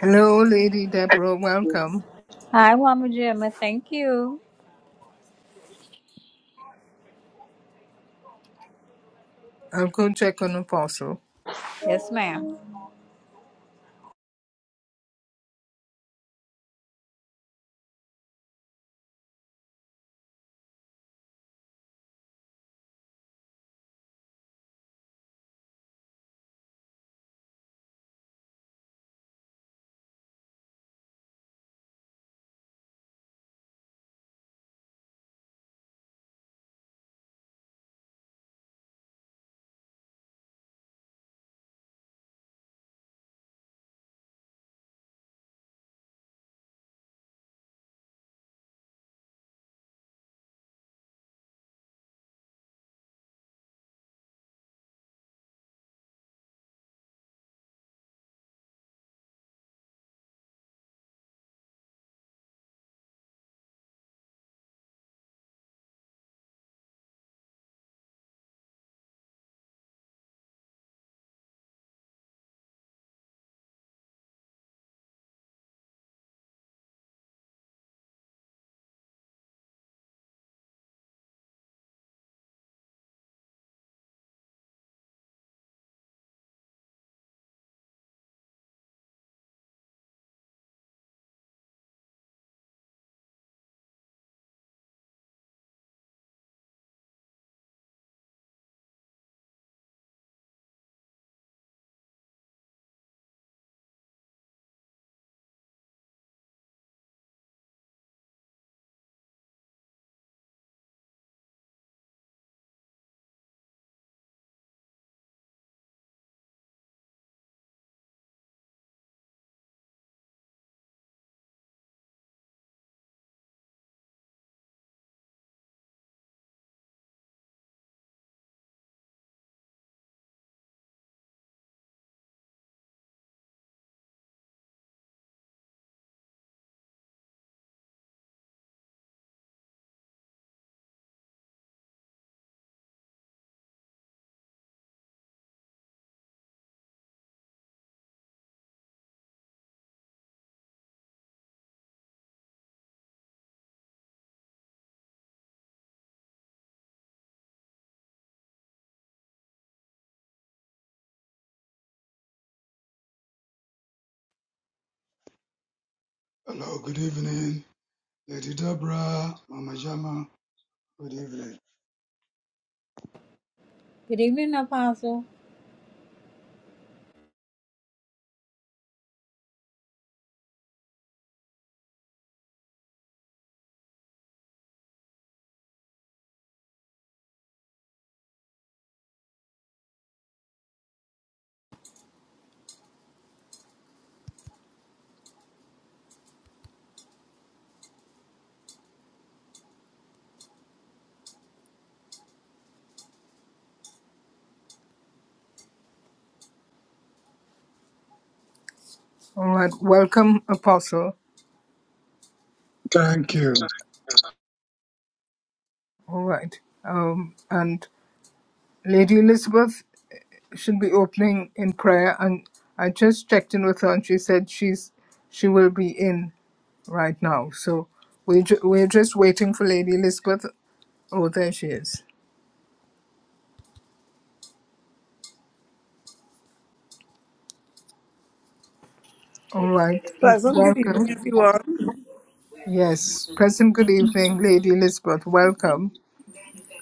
Hello, Lady Deborah. Welcome. Hi, Mama Gemma. Thank you. I'll go check on Apostle. Yes, ma'am. Hello, good evening, Lady Deborah, Mama Jama. Good evening. Good evening, Apostle. All right. Welcome, Apostle. Thank you. All right. Um, and Lady Elizabeth should be opening in prayer. And I just checked in with her, and she said she's she will be in right now. So we ju- we're just waiting for Lady Elizabeth. Oh, there she is. All right. W- Pleasant good evening, Welcome. everyone. Yes. Present. Good evening, Lady Elizabeth. Welcome.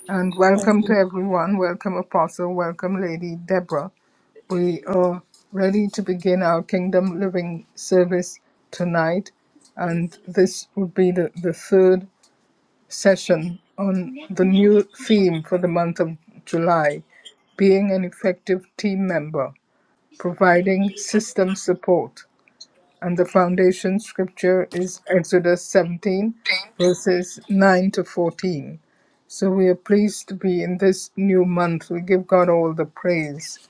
And welcome to everyone. Welcome, Apostle. Welcome, Lady Deborah. We are ready to begin our Kingdom Living service tonight. And this would be the, the third session on the new theme for the month of July being an effective team member, providing system support and the foundation scripture is Exodus 17, verses 9 to 14. So we are pleased to be in this new month. We give God all the praise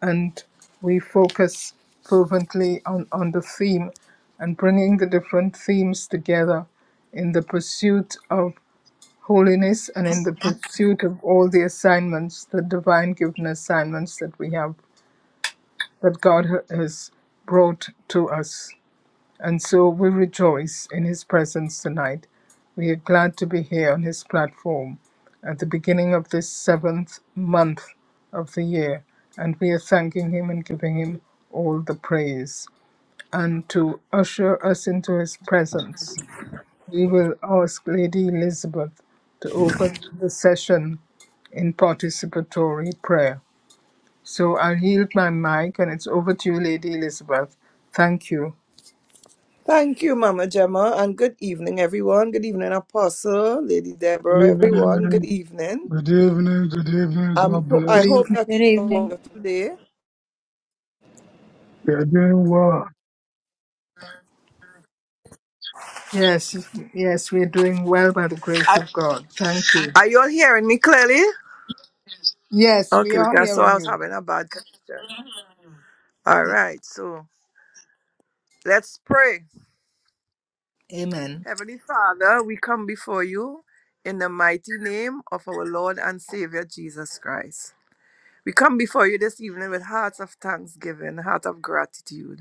and we focus fervently on, on the theme and bringing the different themes together in the pursuit of holiness and in the pursuit of all the assignments, the divine given assignments that we have, that God ha- has brought to us. And so we rejoice in his presence tonight. We are glad to be here on his platform at the beginning of this seventh month of the year. And we are thanking him and giving him all the praise. And to usher us into his presence, we will ask Lady Elizabeth to open the session in participatory prayer. So I'll yield my mic and it's over to you, Lady Elizabeth. Thank you. Thank you, Mama Gemma, and good evening, everyone. Good evening, Apostle, Lady Deborah, Good everyone. Good evening. evening. Good evening. Good evening. Um, God ho- I Good bless. hope evening. that Good you have a evening. wonderful day. You are doing well. Yes, yes, we're doing well by the grace of I- God. Thank you. Are you all hearing me clearly? Yes, we Okay, are because so hearing I was you. having a bad connection. All Y- right, so let's pray. Amen. Heavenly Father, we come before you in the mighty name of our Lord and Savior Jesus Christ. We come before you this evening with hearts of thanksgiving, heart of gratitude.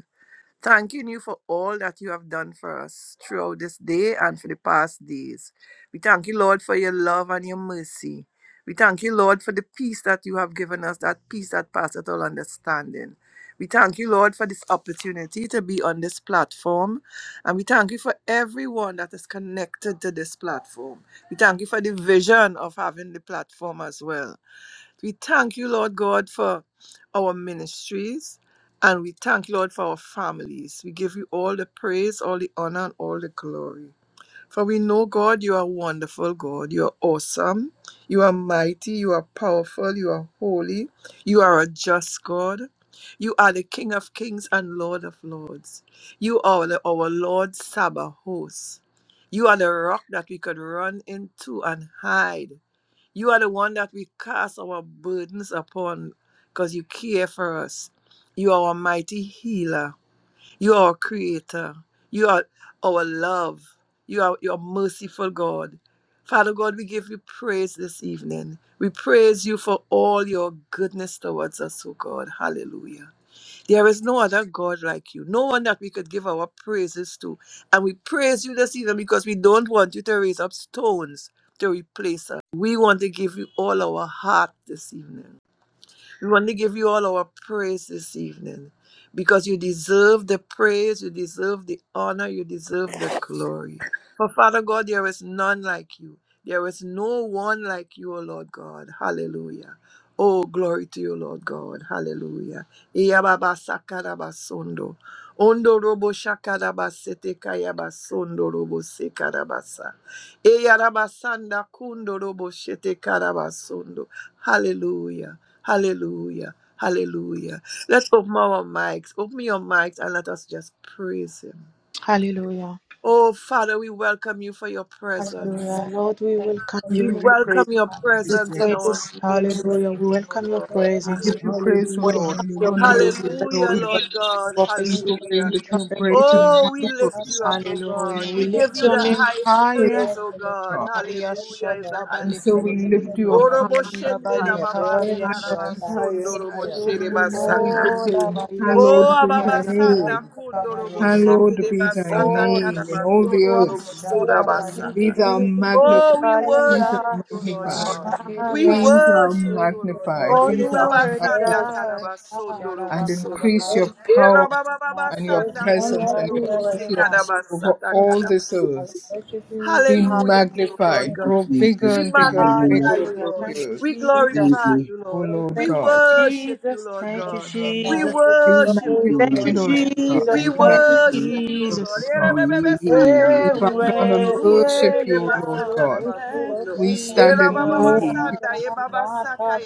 Thanking you for all that you have done for us throughout this day and for the past days. We thank you, Lord, for your love and your mercy. We thank you, Lord, for the peace that you have given us, that peace that passeth all understanding. We thank you, Lord, for this opportunity to be on this platform. And we thank you for everyone that is connected to this platform. We thank you for the vision of having the platform as well. We thank you, Lord God, for our ministries and we thank you, Lord, for our families. We give you all the praise, all the honor, and all the glory. For we know, God, you are wonderful, God. You are awesome. You are mighty. You are powerful. You are holy. You are a just God. You are the King of kings and Lord of lords. You are the, our Lord Sabbath You are the rock that we could run into and hide. You are the one that we cast our burdens upon because you care for us. You are our mighty healer. You are our creator. You are our love. You are your merciful God. Father God, we give you praise this evening. We praise you for all your goodness towards us, O God. Hallelujah. There is no other God like you, no one that we could give our praises to. And we praise you this evening because we don't want you to raise up stones to replace us. We want to give you all our heart this evening. We want to give you all our praise this evening because you deserve the praise, you deserve the honor, you deserve the glory. For Father God, there is none like you. There is no one like you, O Lord God. Hallelujah. Oh, glory to you, Lord God. Hallelujah. Iyababa sakaraba sondo. Ondo robo shakaraba sete kayaba sondo robo sekarabasa. Eyaraba sanda kundo robo shete karaba sondo. Hallelujah. Hallelujah. Hallelujah. Let's open our mics. Open your mics and let us just praise Him. Hallelujah. Oh, Father, we welcome you for your presence. Hallelujah. Lord, we welcome We We you. give you welcome praise. your We give We presence you in our praise. midst this Hallelujah. We praise. evening, oh welcome your Lord. We presence. give you Hallelujah. praise, O We Hallelujah, Lord. welcome We your Honor hallelujah, you. grace. We We adore Hallelujah, welcome you. your Lord God. We prophecy. proclaim Hallelujah. We that you are welcome every- great and Oh, we wonderful. lift you up, oh God. Hallelujah. We We give lift you your That the you name are highest great, higher. praise, oh God. God. Maria Hallelujah is the And Shatabale. highest so we praise. lift hallelujah, you We up higher Orobo and shende yandabale higher, rababa kabaria higher sakara shat- and higher basondo and robo higher. shere And we hallelujah, basaka. Oh, la proclaim, baria Hallowed Oh, be thy Ababa shabaria Sanda name. Kundoro kabale. Hallowed Bosheke de be thy Basata Oh, name in all the Yeshua Karabasondoro earth. Bosura Shatabale. Be Basata. thou Oh, magnified. we Be Balia thou worship you, Lord magnified. God. We Be thou worship you, Lord magnified. God. Oh, Be you Ere thou Baba worthy Sanda magnified. God. Karabasondoro And Shalabakaba. Bosondoro. increase your Era power Baba Baba and your Sanda presence and Kundoro your Bosheke Ebariyata. influence over all this Karabasata earth. Be Ha- Hallelujah to you, Lord Thank magnified. you, God. Grow bigger Jesus. We and bigger and Hallelujah. bigger magnify you, over Hallelujah. Lord. the Thank We you, earth. Thank Jesus. glorify you. you, O Lord. Lord Thank We God. you, worship you, Jesus. Lord Thank you, God. We Jesus. Be worship Thank you, you, Thank Lord. you, Lord magnified, O God. Lord Thank you, God. Jesus. We thank Be you, magnified. Thank you, thank you. worship you, O O Lord. Lord Jesus. God. We bow Mhm. down and Everywhere, worship you, O Lord Eliam. God. Thank you, We stand in awe of Mhm. you. Jesus.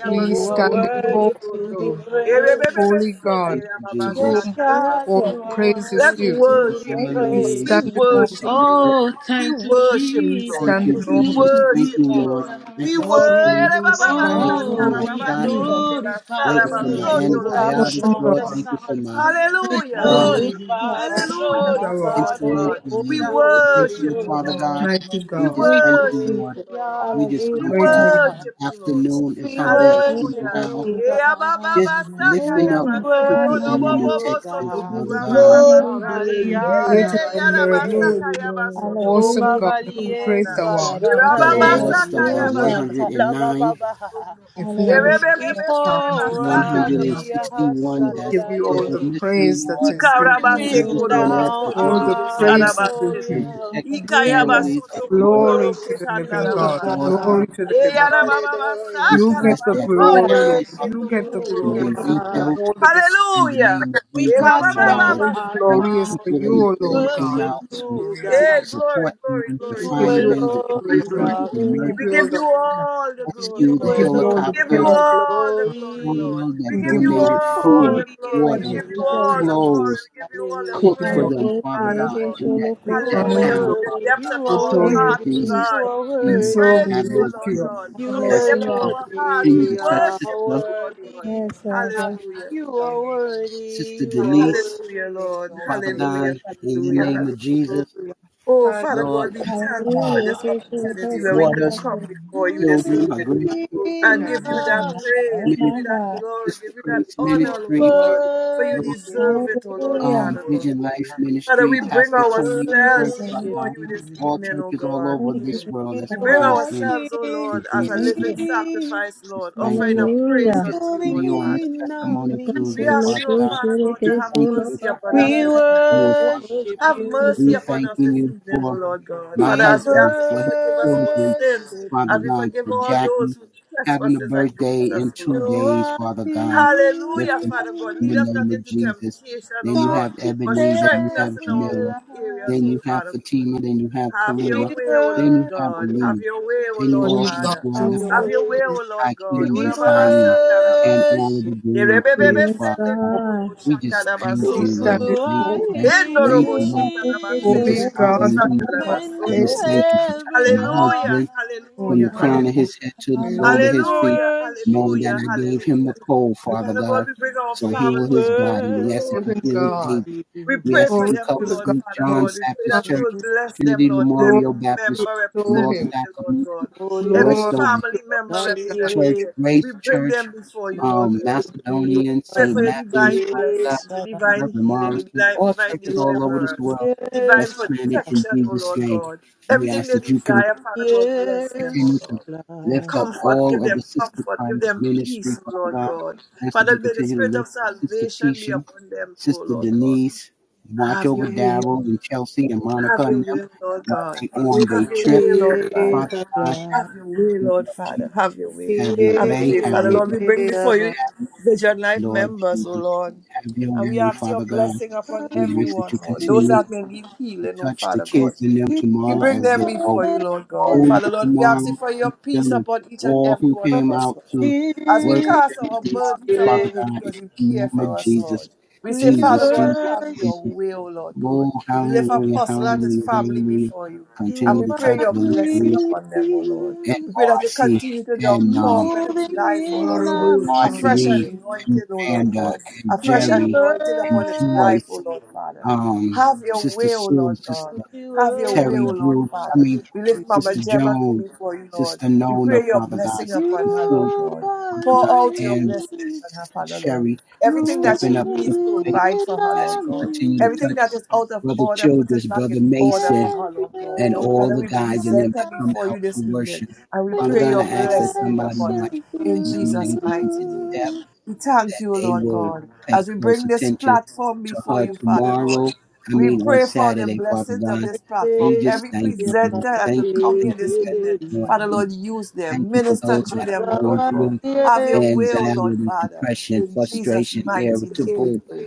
We You are stand in awe worthy of to be you, praised. holy Thank God, you, to Jesus. Yes, whom God, all you are praise is Let's worthy due. to be worship him. We Hallelujah. We We praised. stand in awe continue of to worship lift you, up. Lord. Oh, We thank you, worship you. you, We Lord. Thank stand you, in Jesus. We awe of Jesus. you. Thank you, Thank you, worship you, Lord. Lord. Thank We Jesus. you for the day. worship Stand Thank hallelujah. you in for awe Oh, my of be shot. you, glorified, Waiting be for my lifted up antibiotics, awesome among Lord. the God. Thank you for sons. my Be Hallelujah. um, Great glorified, be Hallelujah to you, God, Lord glorified, be insulin, God. for We lifted the up, be worship invention, you, lifted Father up. Lord. God. mighty We We God, just thank you, worship Lord. you, Lord. We Hallelujah. just We come to great you are your, worship you, Lord. afternoon as We humble as you worship know Hallelujah. how. you, Ea ba ba God. ba just sa ka lifting ya up ba We so no people no in worship bo them bo in bo you, so We Texas, to give God. ku Father you ra ba God, ba ba glory, Santa sa. glory, E Maria, ye great glory. are de your ya ra ba sa la. miracles. ka Glory, ya ba so Lord. to O ku no Awesome no God, bo how sa babalie great na. thou art, E how ra the ba great ba salabakale thou art, sa lost ka of the how ya ba great thou so yashatala to baba 109, ku no no bo so baha. no. art. If we E had a re be be We be se de tongues, ba it pour sa wouldn't be ka out ra ba enough. so Ria to ku 161 no no that's Give bo you so all still the salalale. no. missing, praise that Lord. is due. We Ikarabase We bring just want korobo to ask down that you All the just sondorobo our cover praises due to sarabasete. and you. gloria. protect the families of And Ikayabasoto the we lost. Glory kundorobo to worship the living you, God. sandarababasa. Lost, Father God. Glory to the God, living. continue Eyarabababasa to Hallelujah. just You bless get the that We karabasoyo glory, town, robo Lord. Father worship You soto God. get the They you, can kundorobo glory, be Lord. sondo. For God. rebuilt all that is, in the Hallelujah. name of We Jesus, cast Father God. They down all the Erababababasa our thank glory the is crown for people you, yabasoto in and there O we Lord that came God. worship All out the to. you, glory is for God. yeah, you. support glory, glory, them, You the glory, We give glory, you all firemen, the glory, alone the glory, is glory, glory. policemen, the Lord. our We give We you all give emergency the you honor. all the You glory, rescue, We the Lord. give you all We alone the is give you helicopters, praise, our Lord all the God. all glory, glory. of Lord. those that We We give give you you all donated the all Oh food, praise. the glory. We yeah, We give water, you all give you the all the praise. Elias, glory. clothes, We give you all the We cook give you Hallelujah. for praise, all them, oh Father the Father praise. God, God. in that, We You that are honor Hallelujah. you, From town, Lord. the Father worthy, God. depths you of We are our adore you. heart, worthy, oh Jesus, you God. are We And Jesus, just so worthy. we praise have you, O your lift Lord way. you up God. We From You the ask higher that depths of you alone our hearts, continue we to we touch are worship you, Sister, O Lord God. worthy. Hallelujah. You are worthy, Sister you are Denise, Hallelujah, worthy. Lord. Father God, Hallelujah. in the name of Hallelujah. Jesus, Hallelujah. Oh, Father God, Lord, we thank you for ah, this opportunity where we could daughters, come before you this children, our evening grandkids, Moving and in give you that our midst, praise, give you that glory, Sister give you that Grace we honor, Lord Ministry, God, for you Lord. worship deserve you, it, oh Lord, um, Father God. Vision Life Father, Ministry, we bring we Pastor Tony's church, ourselves Father worship before God, you this you. all evening, oh churches all God. over this world You that's We bring planted are in, ourselves, oh King, Lord, in as a Jesus' living name, Father God. King, sacrifice, We just Lord, thank offering you. a We praise just unto you, come to moving Lord, you on this Father. in our Testimony We Tuesday, ask midst. you, Father oh God. Father God, Just to have thanking you mercy for upon all us We that this you do, Father. worship have you. mercy We upon us thanking this you evening, O for Lord God. my Father, We as we husband, ask you for to his forgive us our children, sins, worship Father as you. we God, forgive for all those Jackie who having a trespasses birthday against in us, O Lord. two You days, are Father God. Hallelujah, Lifting her Father up God. in the Lead King, us name not of into Jesus. temptation, O Then you have God, touching but Ebony, then you strengthen us have in every our Jamila, weak life. areas, then O you have Father. Fatima, then you have Have your We Kalima, way, O then Lord you worship have God. Alina. Have your way, O Then you you. Lord Holy also God, Father. still Have do your Have more lifting up your way. way, praise. O Lord The God. Hakeem We and Ora baba Saeed sanda na and basi. all of the worship grandkids, Yerebebebe Father sende God. kuro bo We shaka just na thank holy you. you, basondo You Lord. standing robo. Thank are you, for thank you, Endo thank robo you, Lord. sheka na King. Holy Jesus, basende robo God, to saka hallelujah. na more. all I Mending praise just basoto. thank you for every touching my Hallelujah, husband life. from holy the hallelujah, God, crown of to whom his hallelujah. head to the praise sole of We his feet, Hallelujah, worship, knowing that hallelujah, I gave him the hallelujah. cold, Father Father God, God. we bring our So we heal families his before body. We you, ask that Lord. you living heal worship God. David. We you. We pray ask for that Glory you them, cover to O the Lord, God St. Father John's God. most We pray Baptist high. that you Church, will bless them, Trinity Lord. Glory Every Memorial to Baptist member Church, represented Elohim. Northside here, Lord Community, God. Glory, Every Glory Westover to family El member Shaddai. represented Church, Hallelujah, here. We Grace bring them Church, before you, Lord um, God. Maria, Macedonian, Pray St. for your Matthew's, divine Father God, Yes, blessings, your Allah. divine Reverend healing, your Morris Church, divine, all divine churches all over this deliverance, world divine that's yes, planted in protection, O Jesus' Lord name. God. We Everything ask they that you can Allah. desire, Father God, bless them, O continue yes, to Lord. lift Allah. up Comfort, give all of the them Sister comfort, give Christ them ministry, peace, O Father Lord God. God. I ask that Father, you may the continue to spirit of lift up Sister salvation be Tisha, upon them too, O Sister Lord God. Denise, watch Have over your will, Hey, Daryl Lord. and Chelsea and Monica Have your and them will, Lord while God. they on their Have your trip. will, Lord yes, Father Father. God, Allah. Have your have your way, way, Lord Lord Father. Jesus. Have your way. Have your Have your way, way, have Father. your Lord, we way, bring before you have your way, Vision Life Lord members, O Jesus. Lord. Have your And we way, ask your Father God. blessing upon We ask that everyone, you Lord. Those continue that may need to healing, O touch the Father God. kids in them We Yes, tomorrow bring as they them go before you, Lord Allah. God. bold Father, in Lord, we ask you tomorrow, for your touch them peace and upon each and all every who one of came us, out Lord. to As we work in with cast them our this tomorrow, burdens Father upon you place God, in because you the care name of for us, Jesus. Lord. We say, we Father Jesus, God, Jesus, have your worship Jesus. will, Lord Lord, God. We lift hallelujah, Apostle and his hallelujah, family hallelujah. before you. And you Continue we to pray touch are your blessing Valeria upon them, O Lord. and real. We pray that you Marcy continue to and downpour um, upon his moving life, O Lord in God. our Honorable A midst. fresh Sharon. Marjorie and anointing, O Lord Miranda God. and A fresh we Jerry anointing and upon his worship life, O Joyce, Lord Father. um, Have your Sister way, O Sue, Lord Sister God. we Have your worship Terry will, Lord Bruce, I Father. mean, We lift Mama you Sister Gemma too Jones, before you, Lord. Sister We Nona, pray your Father God, blessing upon Sister her, Sue, Lord you God. are Father Pour God, out your and blessing real. upon her, Sister Father, Lord. Sherry for Everything that she stepping up to needs, the moving plate. provide in for her, As Lord our you God. continue midst. to Everything touch that is out of Brother order, put Childress, it back in Brother order for Mason, her, Thank Lord God. and you all Father, the we guys and them present that her God come before you out to this evening worship. and we Father pray we God, I your ask that blessings somebody upon worship her watch that in young Jesus' lady who mighty is name. deaf you We thank that you, they Lord will God, pay as we close bring this attention platform to before her Good you, Father evening. God. tomorrow. I We mean, on pray for the Saturday, Father blessings of God. this We platform. just Every thank We you, presenter Lord. worship that will Thank you, come thank here you, this thank evening, you, Lord Father Lord, Jesus. use Thank them. you for Minister those through that them, O are going Lord God. through Have your way, O Lord anxiety, Father. depression, In Jesus' frustration, mighty name we irritable, pray.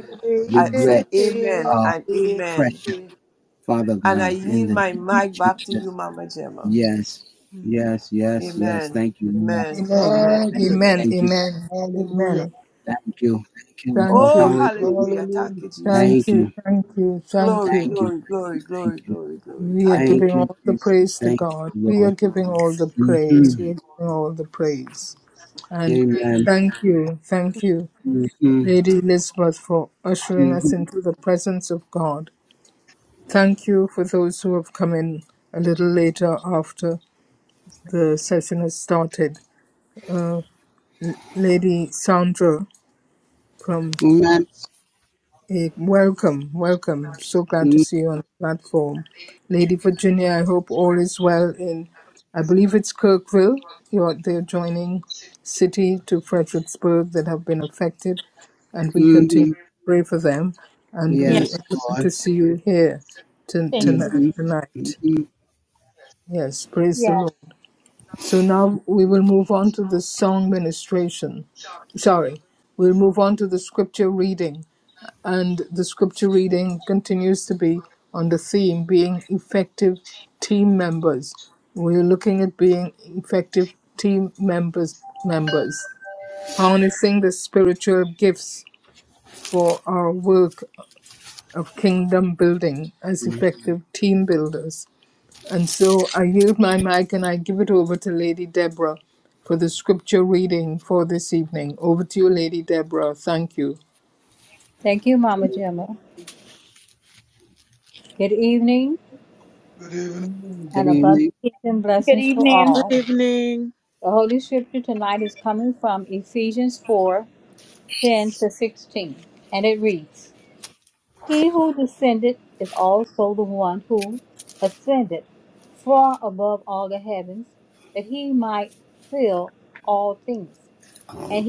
I say regrets, amen um, and amen. pressure, Father And I God, in yield the my name of mic back to you, Jesus. Mama Gemma. Yes, yes, yes, yes. Amen. Thank you, Lord. Amen. Amen. Amen. Thank Thank you. you, Amen. Amen. thank you, Amen. Hallelujah. Amen. thank you, thank you, Lord. Thank Oh, you. Hallelujah. hallelujah. Thank Hallelujah. you, Thank Thank Jesus. you. you. Thank you. Thank Glory, Thank you. you, glory, thank you, glory, thank glory, you, glory, glory. We are Hallelujah. giving thank you, all the Jesus, praise to thank God. you, We are Lord. giving all the praise. hmm We are giving all the praise. And Amen. thank you. Thank you, hmm Lady Elizabeth, for ushering hmm us into the presence of God. Thank you for those who have come in a little later after the session has started. Lady Sandra, from. Amen. Hey, welcome, welcome. So glad to see you on the platform. Lady Virginia, I hope all is well in, I believe it's Kirkville, your, the adjoining city to Fredericksburg that have been affected, and we continue hmm to pray for them. And Yes. we Yes, are glad Lord. to see you here to, thank hmm you. tonight, tonight. hmm Yes, praise the Yes. Lord. So now we will move on to the song ministration. Sorry, we'll move on to the scripture reading and the scripture reading continues to be on the theme being effective team members. We're looking at being effective team members, members, harnessing the spiritual gifts for our work of kingdom building as effective team builders. And so I yield my mic and I give it over to Lady Deborah for the scripture reading for this evening. Over to you, Lady Deborah. Thank you. Thank you, Mama Gemma. Good evening. Good evening. Good evening. Good evening. Oh,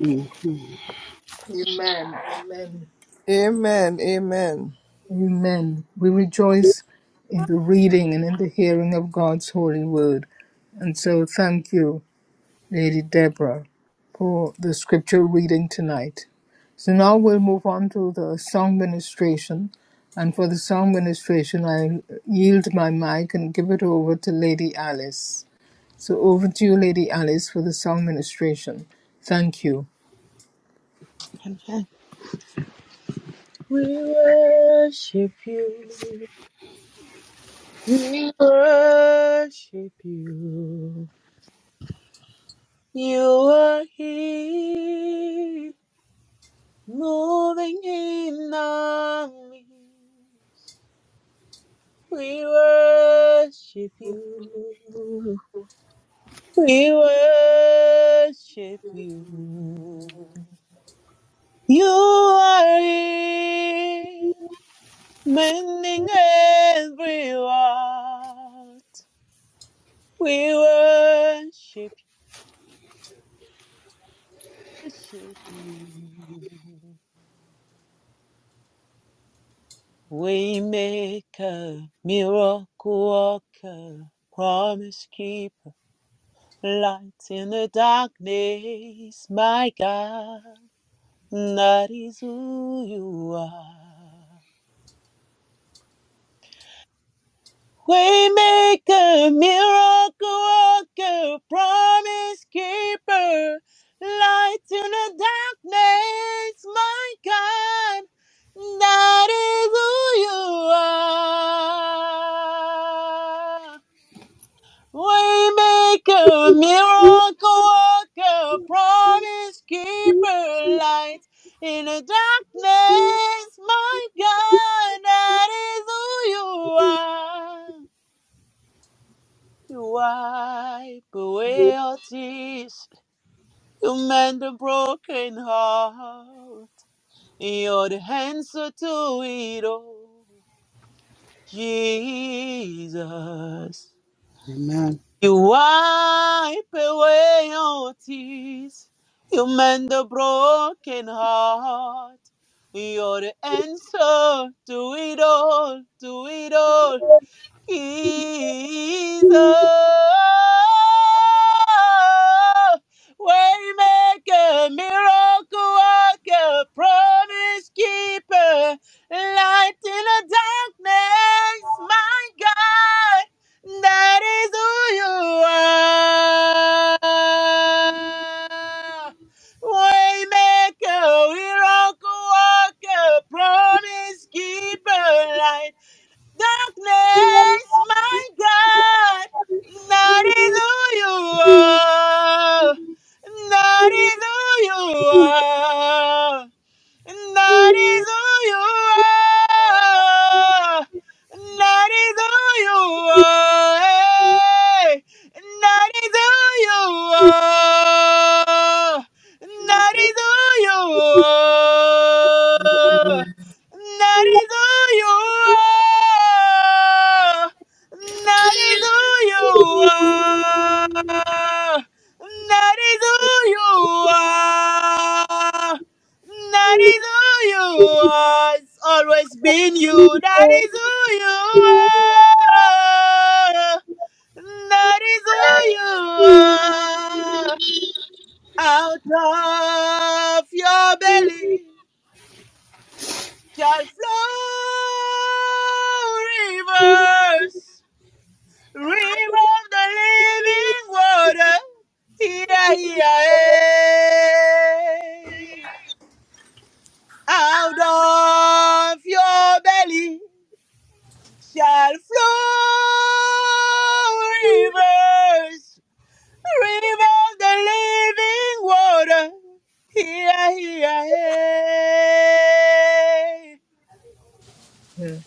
mm. Amen. Amen. Amen. Amen. Amen. We rejoice in the reading and in the hearing of God's holy word. And so thank you, Lady Deborah, for the scripture reading tonight. So now we'll move on to the song ministration. And for the song ministration, I yield my mic and give it over to Lady Alice. So over to you, Lady Alice, for the song ministration. Thank you. you. We worship you. You are here, moving in our midst. We worship you. We worship you. You are here, mending every everyone. We worship, worship you. We make a miracle worker, promise keeper, light in the darkness, my God. That is who you are. Waymaker, miracle worker, promise keeper, light in the darkness, my God. That is who you are. Waymaker, miracle worker, promise keeper, light in the darkness, my God, that is who you are. You wipe away all tears, you mend the broken heart, you're the answer to it all, Jesus. Amen. You wipe away all tears. You mend the broken heart. You're the answer to it all, to it all. Jesus. Waymaker, miracle worker, promise keeper, light in the darkness, my God, that is who you are. Waymaker, miracle worker, promise keeper, light. Darkness, my God, that is who you are. That is who you are. And that is who you are. And that is who you are. Hey. And that is who you are. And that is who you are. And that is who you are. And that is who you are. And That is who you are. That is who you are. It's always been you. That is who you are. That is who you are. Out of your belly shall flow rivers, river of the living water. Yeah, yeah. Out of your belly shall flow rivers, rivers the living water. Here, here, hey.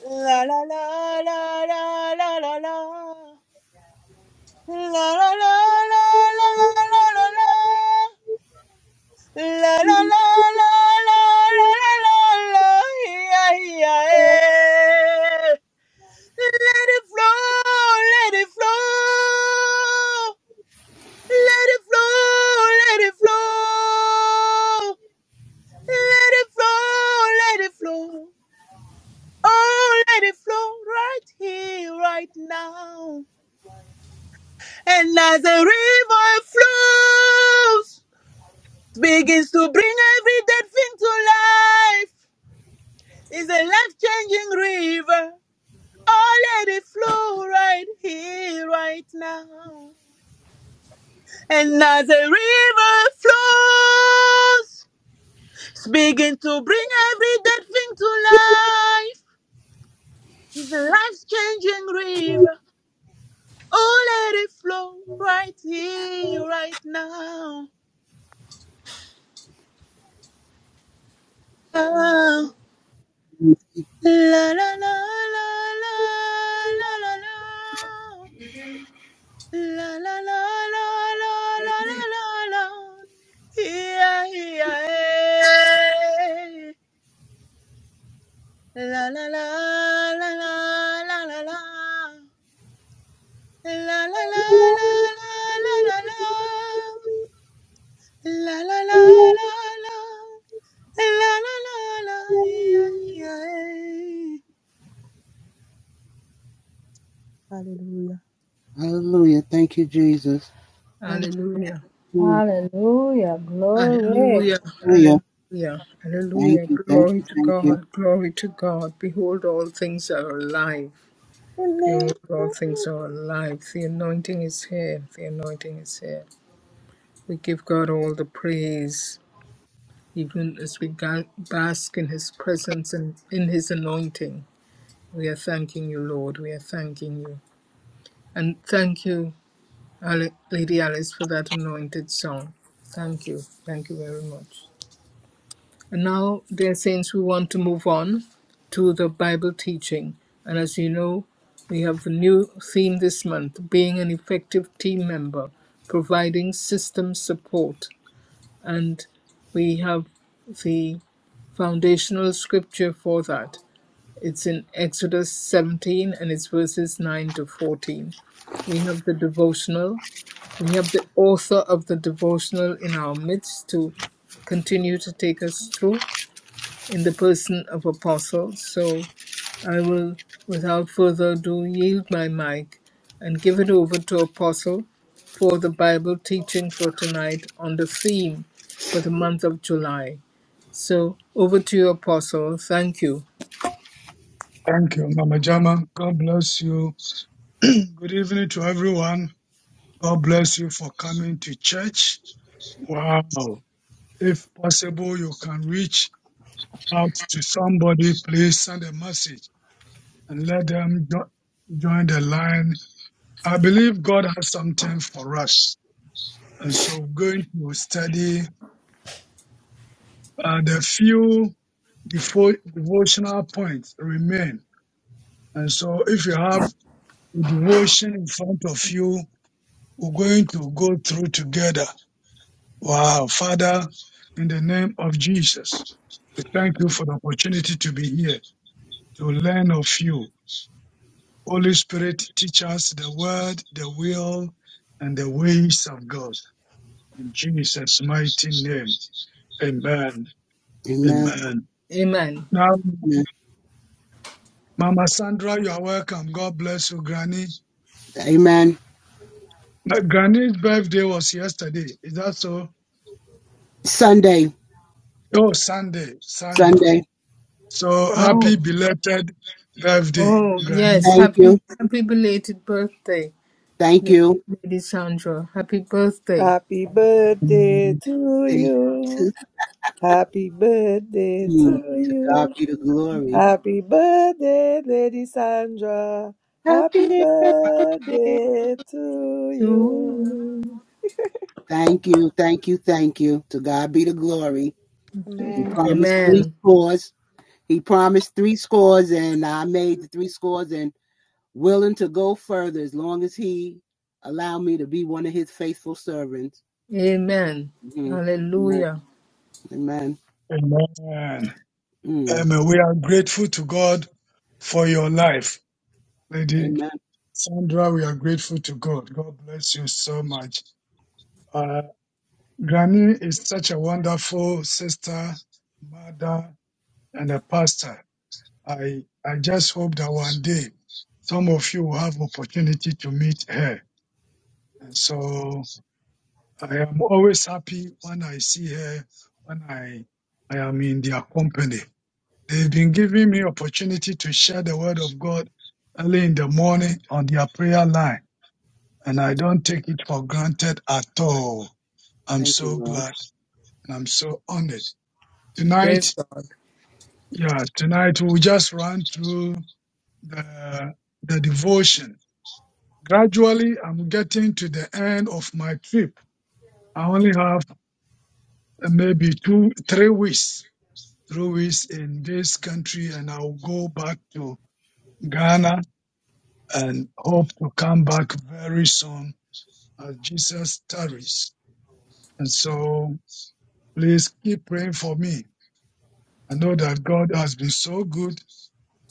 La la la la la la la la. La la la la la la la la. La la la la la la la la la, yeah yeah Let it flow, let it flow. Let it flow, let it flow. Let it flow, let it flow. Oh, let it flow right here, right now. And as the river flows, begins to bring every dead thing to life. It's a life changing river. Oh, let it flow right here, right now. And as a river flows, it's begin to bring every dead thing to life. It's a life-changing river. Oh, let it flow right here, right now. Ah, Mm. la la la la la la la la la la la la la la la la. la. Yeah, yeah, eh. La la la la la la la la. La la la la la la la la. La la la la la. La la la la. Yeah, yeah. Hallelujah. Hallelujah. Thank you, Jesus. Hallelujah. Mm. Hallelujah, Hallelujah. hallelujah, Thank hallelujah. you, thank Glory you, to thank you. God, glory to God. Behold, all things are alive. Behold, Hallelujah. all things are alive. The anointing is here, the anointing is here. We give God all the praise, even as we ga- bask in His presence and in His anointing. We are thanking you, Lord, we are thanking you. And thank you, Ale- Lady Alice, for that anointed song. Thank you, thank you very much. And now, dear saints, we want to move on to the Bible teaching. And as you know, we have the new theme this month being an effective team member, providing system support. And we have the foundational scripture for that. It's in Exodus 17 and it's verses 9 to 14. We have the devotional. We have the author of the devotional in our midst to continue to take us through in the person of Apostle, So I will, without further ado, yield my mic and give it over to Apostle for the Bible teaching for tonight on the theme for the month of July. So over to you, Apostle. Thank you. Thank you, Mama Jama. God bless you. Good evening to everyone. God bless you for coming to church. Wow. If possible, you can reach out to somebody. Please send a message and let them jo- join the line. I believe God has something for us. And so we're going to study uh, the few Defo- devotional points remain. And so if you have a devotion in front of you, we're going to go through together. Wow. Father, in the name of Jesus, we thank you for the opportunity to be here, to learn of you. Holy Spirit, teach us the word, the will, and the ways of God. In Jesus' mighty name. Amen. Amen. Amen. Amen. Now, Amen. Mama Sandra, you are welcome. God bless you, Granny. Amen. Uh, Granny's birthday was yesterday. Is that so? Sunday, Oh, Sunday, Sunday. Sunday. So Oh, happy belated birthday, oh, Granny. yes. Thank you, Happy, happy belated birthday, thank you. Lady, Lady Sandra. Happy birthday Happy birthday Mm, to Thank you. you. Happy birthday Mm, to To God you. be the glory. Happy birthday, Lady Sandra. Happy Happy. birthday to to you. you. Thank you, thank you, thank you. To God be the glory. He Amen. promised three Amen. scores. He promised three scores, and I made the three scores and willing to go further as long as He allowed me to be one of His faithful servants. Amen. hmm Amen. Hallelujah. Amen. Amen. Mm. Amen. We are grateful to God for your life, Lady Amen. Sandra. We are grateful to God. God bless you so much. Uh, Granny is such a wonderful sister, mother, and a pastor. I I just hope that one day some of you will have opportunity to meet her And so I am always happy when I see her, when I, I am in their company. They've been giving me opportunity to share the word of God early in the morning on their prayer line. And I don't take it for granted at all. I'm Thank you, so Lord. glad and I'm so honored. Praise Tonight, God. yeah, tonight we'll just run through the, the devotion. Gradually, I'm getting to the end of my trip. I only have uh, maybe two, three weeks, three weeks in this country, and I'll go back to Ghana and hope to come back very soon as Jesus tarries. And so please keep praying for me. I know that God has been so good,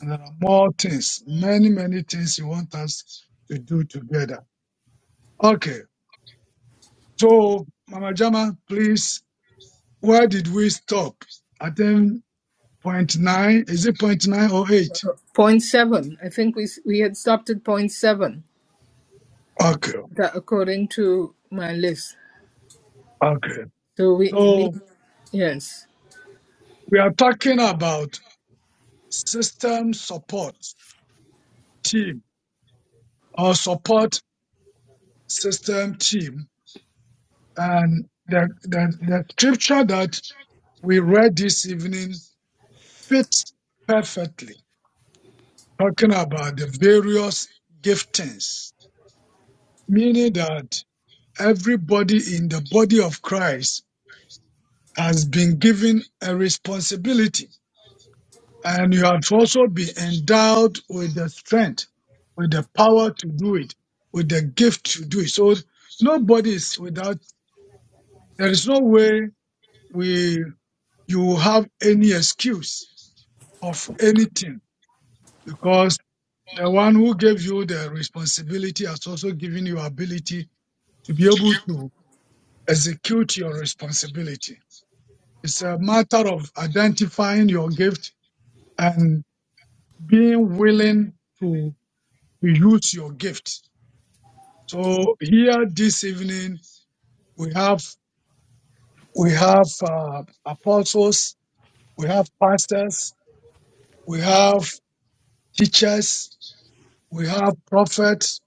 and there are more things, many, many things He wants us to do together. Okay, so Mama Jama, please, where did we stop? I think point nine, is it point nine or eight? Point seven. I think we s- we had stopped at point seven. Okay. That according to my list. Okay. So we need So yes we are talking about system support team or support system team. And the, the, the scripture that we read this evening fits perfectly, talking about the various giftings, meaning that everybody in the body of Christ has been given a responsibility and you have also been endowed with the strength, with the power to do it, with the gift to do it. So nobody is without. There is no way we you will have any excuse of anything because the one who gave you the responsibility has also given you ability to be able to execute your responsibility. It's a matter of identifying your gift and being willing to, to use your gift So here this evening we have we have uh, apostles, we have pastors, we have teachers, we have prophets,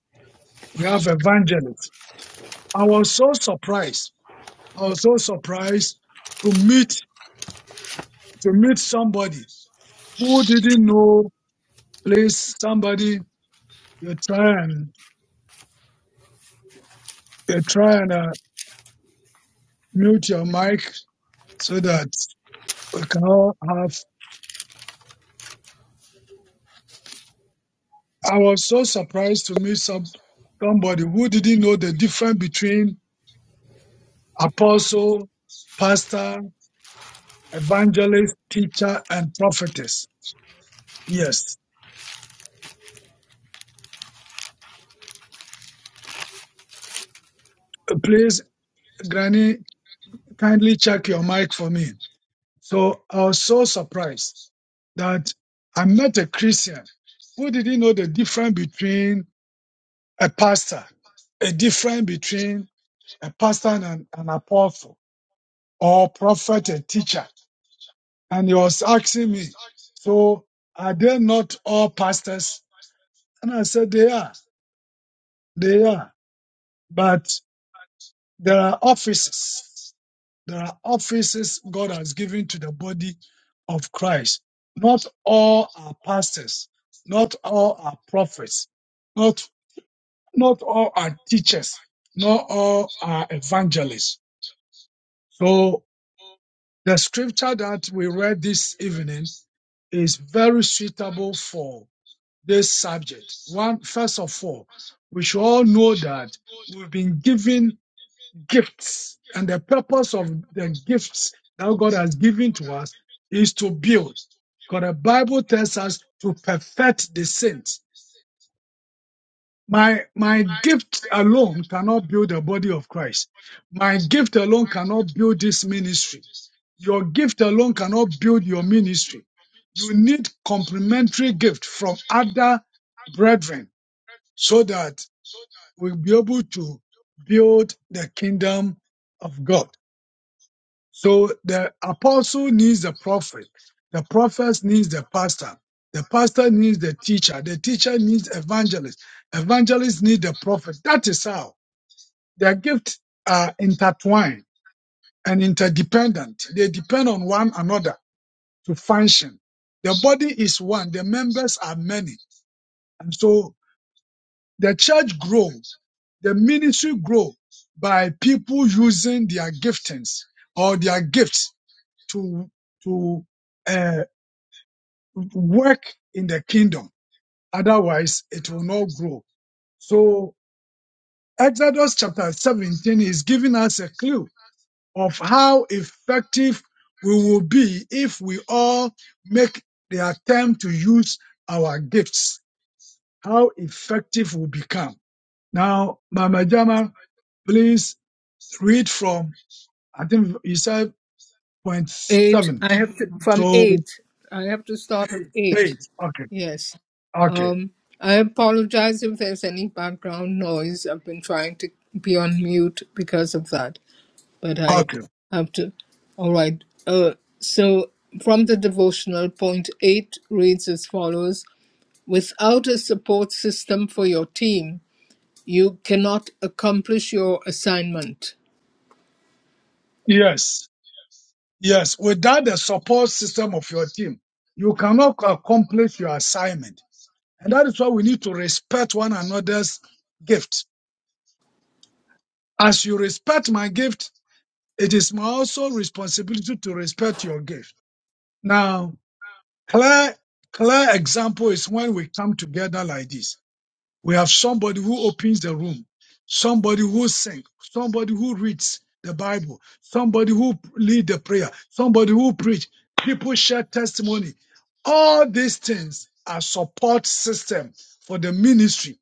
we have evangelists. I was so surprised. I was so surprised to meet to meet somebody who didn't know. Please, somebody, you try and you try and uh, mute your mic so that we can all have I was so surprised to meet some somebody who didn't know the difference between apostle, pastor, evangelist, teacher, and prophetess. Yes. Uh, Please, Granny, kindly check your mic for me. So I was so surprised that I met a Christian who didn't know the difference between a pastor, a difference between a pastor and an, an apostle, or prophet and teacher. and he was asking me, so are they not all pastors? And I said, they are, they are, but there are offices. There are offices God has given to the body of Christ. Not all are pastors. Not all are prophets. Not, not all are teachers. Not all are evangelists. So the scripture that we read this evening is very suitable for this subject. One, first of all, we should all know that we've been given gifts, and the purpose of the gifts that God has given to us is to build. Because the Bible tells us to perfect the saints. My my gift alone cannot build the body of Christ. My gift alone cannot build this ministry. Your gift alone cannot build your ministry. You need complementary gift from other brethren so that we'll be able to build the kingdom of God. So the apostle needs the prophet, the prophet needs the pastor, the pastor needs the teacher, the teacher needs evangelist, evangelist need the prophet. That is how their gifts are intertwined and interdependent. They depend on one another to function. The body is one, the members are many. and so. The church grows, the ministry grows by people using their giftings or their gifts to to uh, work in the kingdom. Otherwise, it will not grow. So Exodus chapter 17 is giving us a clue of how effective we will be if we all make the attempt to use our gifts. How effective we become. Now, Mama Jama Please read from, I think you said point eight. seven. I have to from to eight. I have to start at eight. eight. Okay. Yes. Okay. Um. I apologize if there's any background noise. I've been trying to be on mute because of that, but I Okay. have to. All right. Uh. So from the devotional, point eight reads as follows: Without a support system for your team You cannot accomplish your assignment. Yes. Yes. Without the support system of your team, you cannot accomplish your assignment. And that is why we need to respect one another's gift. As you respect my gift, it is my also responsibility to respect your gift. Now, clear, clear example is when we come together like this. We have somebody who opens the room, somebody who sings, somebody who reads the Bible, somebody who lead the prayer, somebody who preach. People share testimony. All these things are support system for the ministry.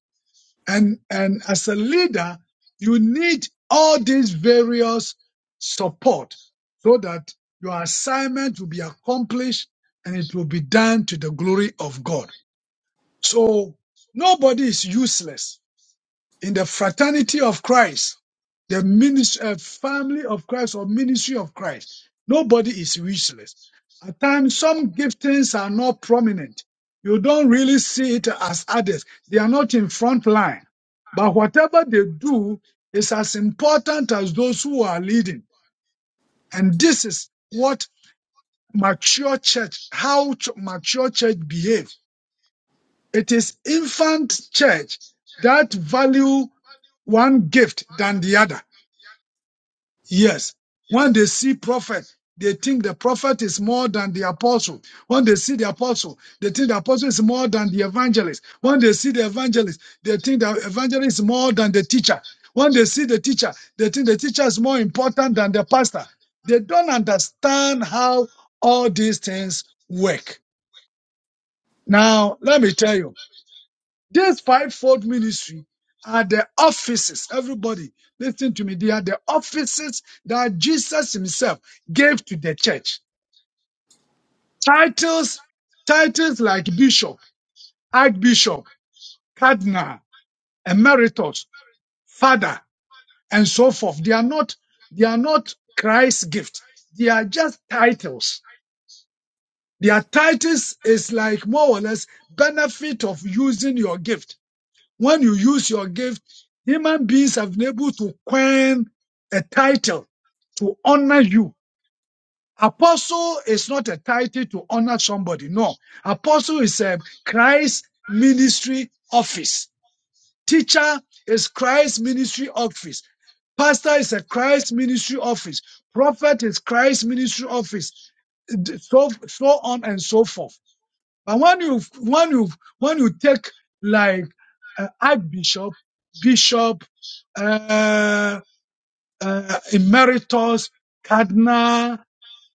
And, and as a leader, you need all these various support so that your assignment will be accomplished and it will be done to the glory of God. So nobody is useless in the fraternity of Christ, the ministry, uh, family of Christ or ministry of Christ. Nobody is useless. At times, some giftings are not prominent. You don't really see it as others. They are not in front line. But whatever they do is as important as those who are leading. And this is what mature church, how ch- mature church behaves it is infant church that value one gift than the other. Yes. When they see prophet, they think the prophet is more than the apostle. When they see the apostle, they think the apostle is more than the evangelist. When they see the evangelist, they think the evangelist is more than the teacher. When they see the teacher, they think the teacher is more important than the pastor. They don't understand how all these things work. Now, let me tell you. This fivefold ministry are the offices. Everybody, listen to me. They are the offices that Jesus himself gave to the church. Titles, titles like bishop, archbishop, cardinal, emeritus, father, and so forth. They are not, they are not Christ's gift. They are just titles. Their titles is like more or less benefit of using your gift When you use your gift, human beings have been able to coin a title to honor you. Apostle is not a title to honor somebody. No. Apostle is a Christ ministry office. Teacher is Christ ministry office. Pastor is a Christ ministry office. Prophet is Christ ministry office. So, so on and so forth. But when you when you when you take like uh, Archbishop, Bishop, uh, uh, Emeritus, Cardinal,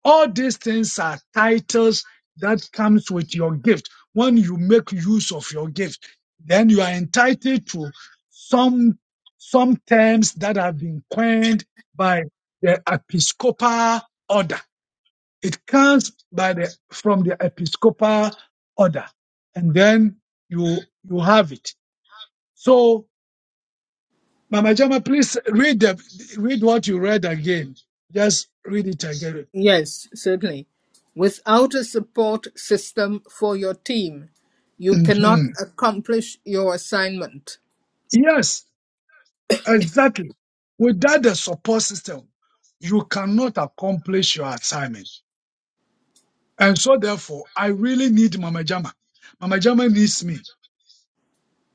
all these things are titles that comes with your gift. When you make use of your gift, then you are entitled to some some terms that have been coined by the Episcopal order. It comes by the from the Episcopal order, and then you you have it. So, Mama Jama, please read the read what you read again. Just read it again. Yes, certainly. Without a support system for your team, you cannot Mhm. accomplish your assignment. Yes, exactly. Without the support system, you cannot accomplish your assignment. And so, therefore, I really need Mama Jama. Mama Jama needs me.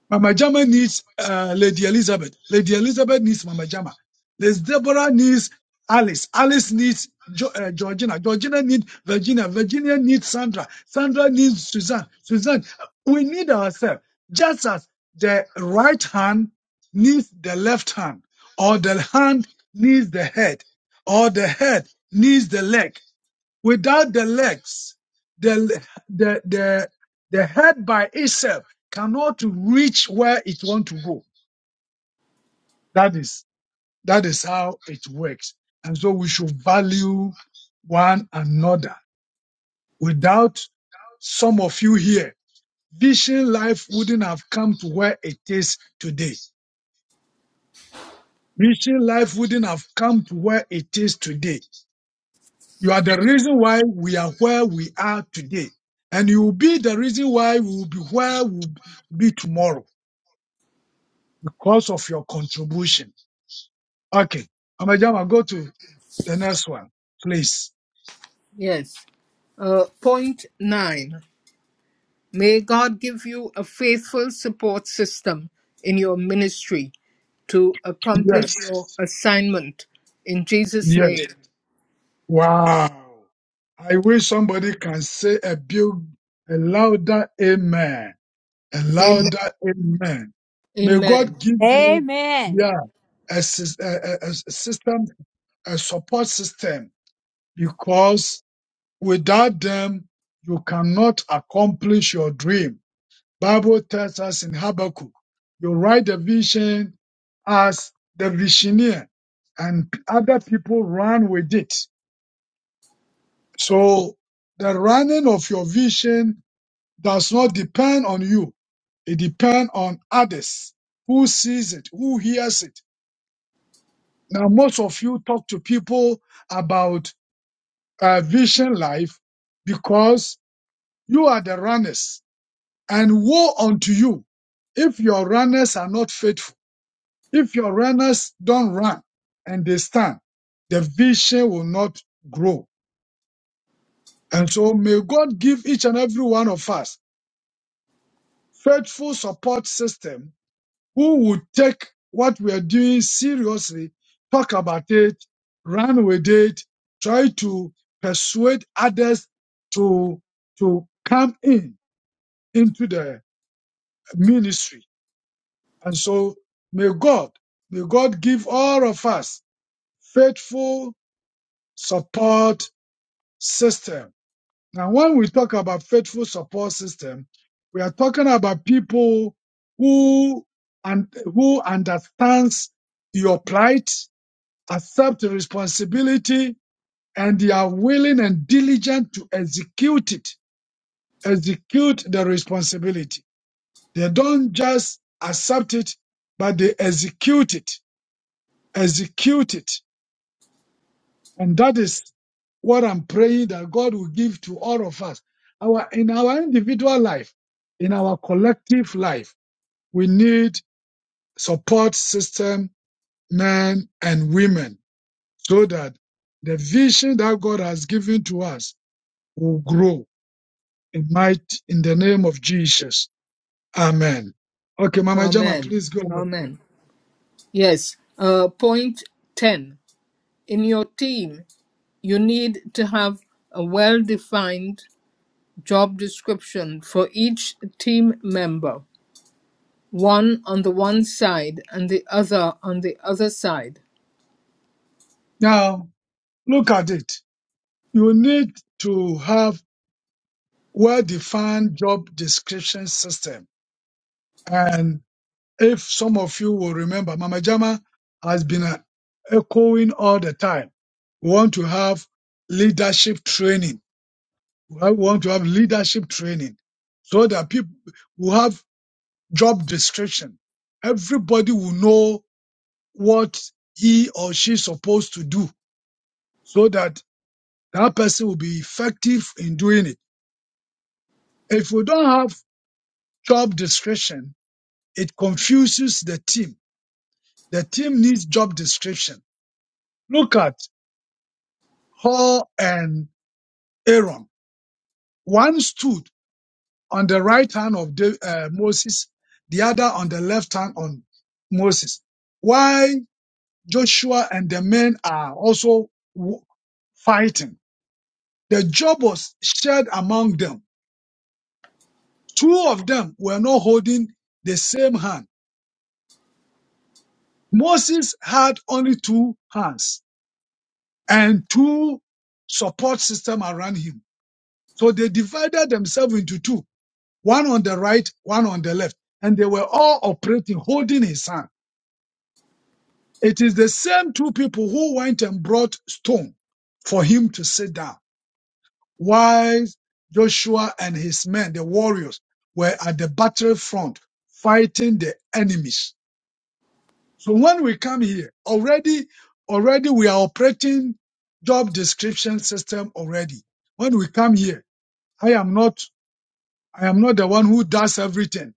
Mama Jama needs uh, Lady Elizabeth. Lady Elizabeth needs Mama Jama. Lady Deborah needs Alice. Alice needs jo- uh, Georgina. Georgina needs Virginia. Virginia needs Sandra. Sandra needs Suzanne. Suzanne, we need ourselves. Just as the right hand needs the left hand, or the hand needs the head, or the head needs the leg. Without the legs, the, the, the, the head by itself cannot reach where it wants to go. That is, that is how it works. And so we should value one another. Without some of you here, Vision life wouldn't have come to where it is today. Vision life wouldn't have come to where it is today. You are the reason why we are where we are today. And you will be the reason why we will be where we will be tomorrow because of your contribution. Okay. Amajama, go to the next one, please. Yes. Uh, point nine. May God give you a faithful support system in your ministry to accomplish Yes. your assignment. In Jesus' Yes. name. Wow. I wish somebody can say a big, a louder amen. A Amen. louder amen. May Amen. God give you, Amen. yeah, a, sys- a, a a system, a support system because Without them, you cannot accomplish your dream. Bible tells us in Habakkuk, you write the vision as the visioneer and other people run with it. So the running of your vision does not depend on you. It depends on others who sees it, who hears it. Now, most of you talk to people about uh, vision life because you are the runners And woe unto you if your runners are not faithful. If your runners don't run and they stand, the vision will not grow. And so may God give each and every one of us faithful support system who would take what we are doing seriously, talk about it, run with it, try to persuade others to, to come in into the ministry And so may God, may God give all of us faithful support system. Now, when we talk about faithful support system, we are talking about people who and who understands your plight, accept responsibility, and they are willing and diligent to execute it, execute the responsibility. They don't just accept it, but they execute it, execute it And that is what I'm praying that God will give to all of us. Our, in our individual life, in our collective life, we need support system, men and women, so that the vision that God has given to us will grow in might in the name of Jesus. Amen. Okay, Mama Jama, Amen. please go. ahead. Amen. Yes. Uh, point 10. in your team, you need to have a well defined job description for each team member, one on the one side and the other on the other side. Now, look at it. You need to have well-defined job description system If some of you will remember, Mama Jama has been uh, echoing all the time. We want to have leadership training. We want to have leadership training so that people will have job description. Everybody will know what he or she is supposed to do so that that person will be effective in doing it. If we don't have job description, it confuses the team. The team needs job description. Look at Hor and Aaron. One stood on the right hand of Da- uh, Moses, the other on the left hand on Moses. Why Joshua and the men are also w- fighting. The job was shared among them. Two of them were not holding the same hand. Moses had only two hands and two support system around him. So they divided themselves into two one on the right, one on the left, and they were all operating, holding his hand. It is the same two people who went and brought stone for him to sit down. While Joshua and his men, the warriors, were at the battlefront fighting the enemies. So when we come here, already, already we are operating job description system already. When we come here, I am not, I am not the one who does everything.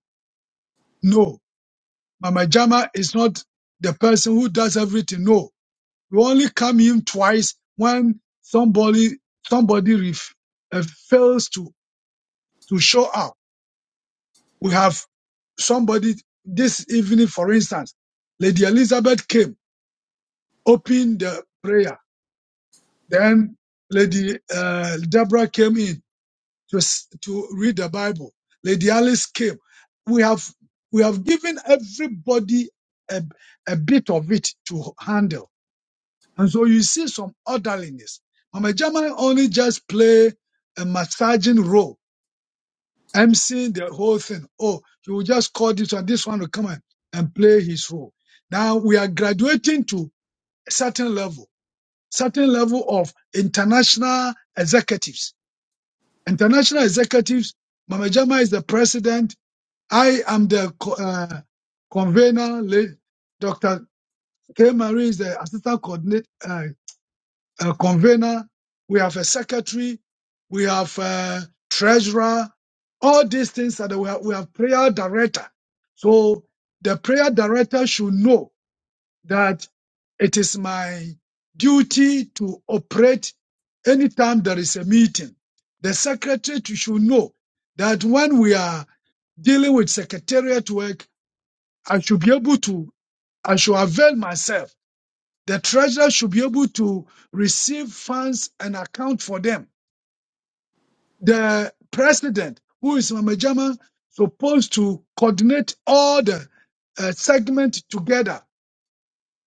No, Mama Jama is not the person who does everything. No, we only come in twice when somebody somebody ref, uh, fails to to show up. We have somebody this evening, for instance, Lady Elizabeth came, opened the prayer. Then Lady uh, Deborah came in to s- to read the Bible. Lady Alice came. We have we have given everybody a, a bit of it to handle And so you see some orderliness. Mama German only just play a massaging role, emceeing the whole thing. Oh, he will just call this one, this one will come and, and play his role. Now we are graduating to a certain level, certain level of international executives. International executives, Mama Jama is the president. I am the co- uh, convener. la- Dr. K. Marie is the assistant coordinator, a convener, we have a secretary, we have a treasurer. All these things that we have, we have prayer director. So the prayer director should know that it is my duty to operate anytime there is a meeting. The secretary to- should know that when we are dealing with secretariat work, I should be able to, I should avail myself the treasurer should be able to receive funds and account for them. The president, who is Mama Jama, supposed to coordinate all the uh, segment together,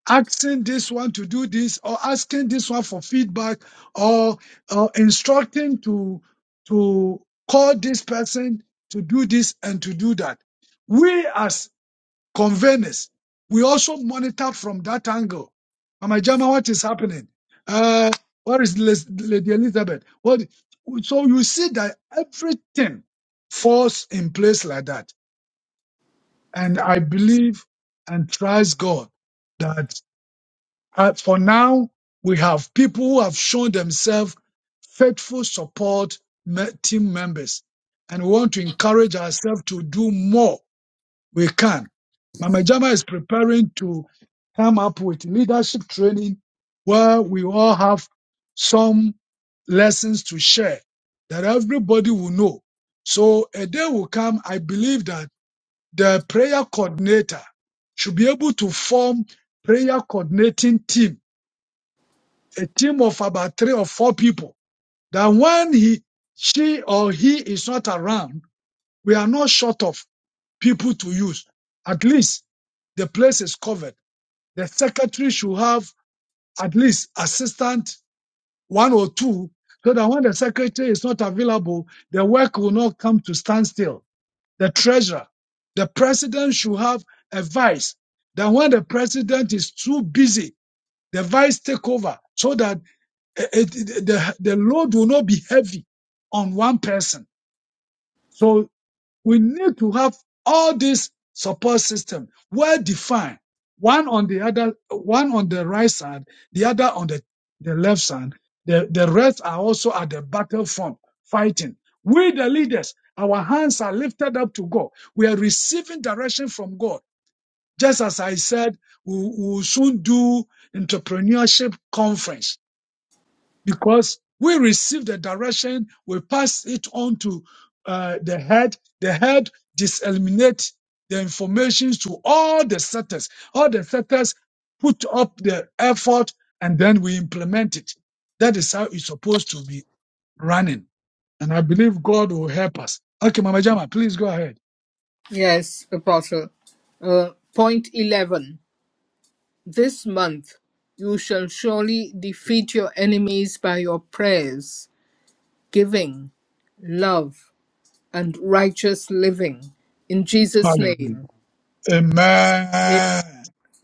asking this one to do this, or asking this one for feedback, or uh, instructing to to call this person to do this and to do that. We as conveyances. We also monitor from that angle. Mama Jama, what is happening? Uh, what is Les- Lady Elizabeth? What? So you see that everything falls in place like that. And I believe and trust God that uh, for now we have people who have shown themselves faithful support me- team members. And we want to encourage ourselves to do more we can. Mama Jama is preparing to come up with leadership training where we all have some lessons to share that everybody will know. So a day will come, I believe that the prayer coordinator should be able to form prayer coordinating team, a team of about three or four people that when he, she or he is not around, we are not short of people to use. At least the place is covered. The secretary should have at least assistant one or two so that when the secretary is not available, the work will not come to standstill. The treasurer, the president should have a vice. That when the president is too busy, the vice take over so that eh, eh, the, the load will not be heavy on one person. So. we need to have all these support system well defined, one on the other, one on the right side, the other on the, the left side. The, the rest are also at the battlefront fighting. We, the leaders, our hands are lifted up to God. We are receiving direction from God. Just as I said, we we will soon do entrepreneurship conference because we receive the direction, we pass it on to uh, the head. The head disseminate the information to all the sectors. All the sectors put up the effort and then we implement it. That is how it's supposed to be running. And I believe God will help us. Okay, Mama Jama, please go ahead. Yes, Apostle. Uh, point 11. This month you shall surely defeat your enemies by your prayers, giving, love, and righteous living. In Jesus' Hallelujah. name, a- Amen.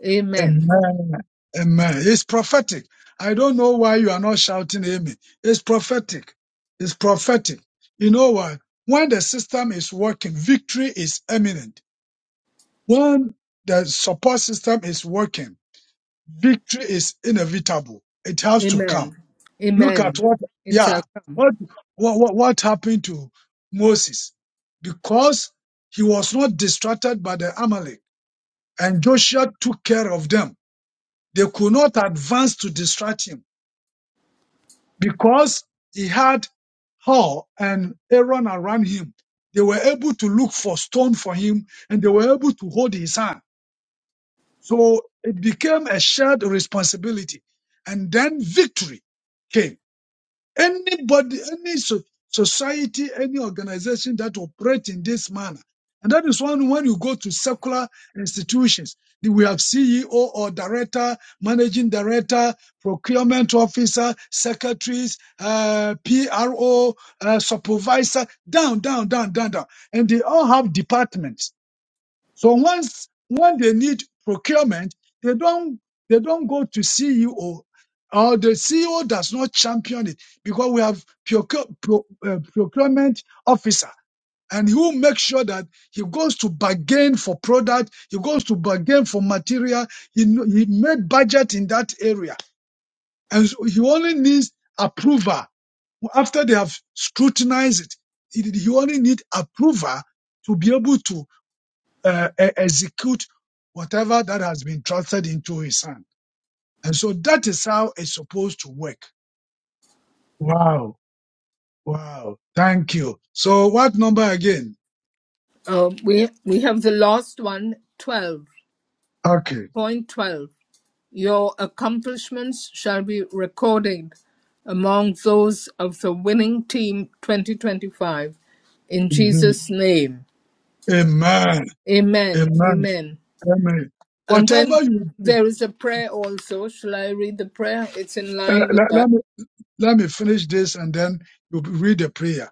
amen. Amen. Amen. It's prophetic. I don't know why you are not shouting amen. It's prophetic. It's prophetic. You know what? When the system is working, victory is imminent. When the support system is working, victory is inevitable. It has to Amen. come. Look at Amen. what, It yeah, shall come. what, what, what what happened to Moses? Because he was not distracted by the Amalek and Joshua took care of them they could not advance to distract him because he had Hur and Aaron around him. They were able to look for stone for him and they were able to hold his hand. So it became a shared responsibility. And then victory came. Anybody, any so- society, any organization that operate in this manner. And that is one when you go to secular institutions, the- we have CEO or director, managing director, procurement officer, secretaries, uh, PRO, uh, supervisor, down, down, down, down, down. And they all have departments so once when they need procurement, they don't they don't go to CEO or the CEO does not champion it because we have procure, pro, uh, procurement officer and he will make sure that he goes to bargain for product, he goes to bargain for material, he, kn- he made budget in that area and so he only needs approval. After they have scrutinized it, he he only need approval to be able to uh, e- execute whatever that has been trusted into his hand. And so that is how it's supposed to work. Wow. Wow. Thank you. So what number again? Um, we we have the last one, twelve Okay. point twelve. Your accomplishments shall be recorded among those of the winning team 2025 in hmm Jesus' name. Amen. Amen. Amen. Amen. Amen. And then Whatever you do, there is a prayer also. Shall I read the prayer? It's in uh, line with let, that. let me, let me finish this and then you read the prayer.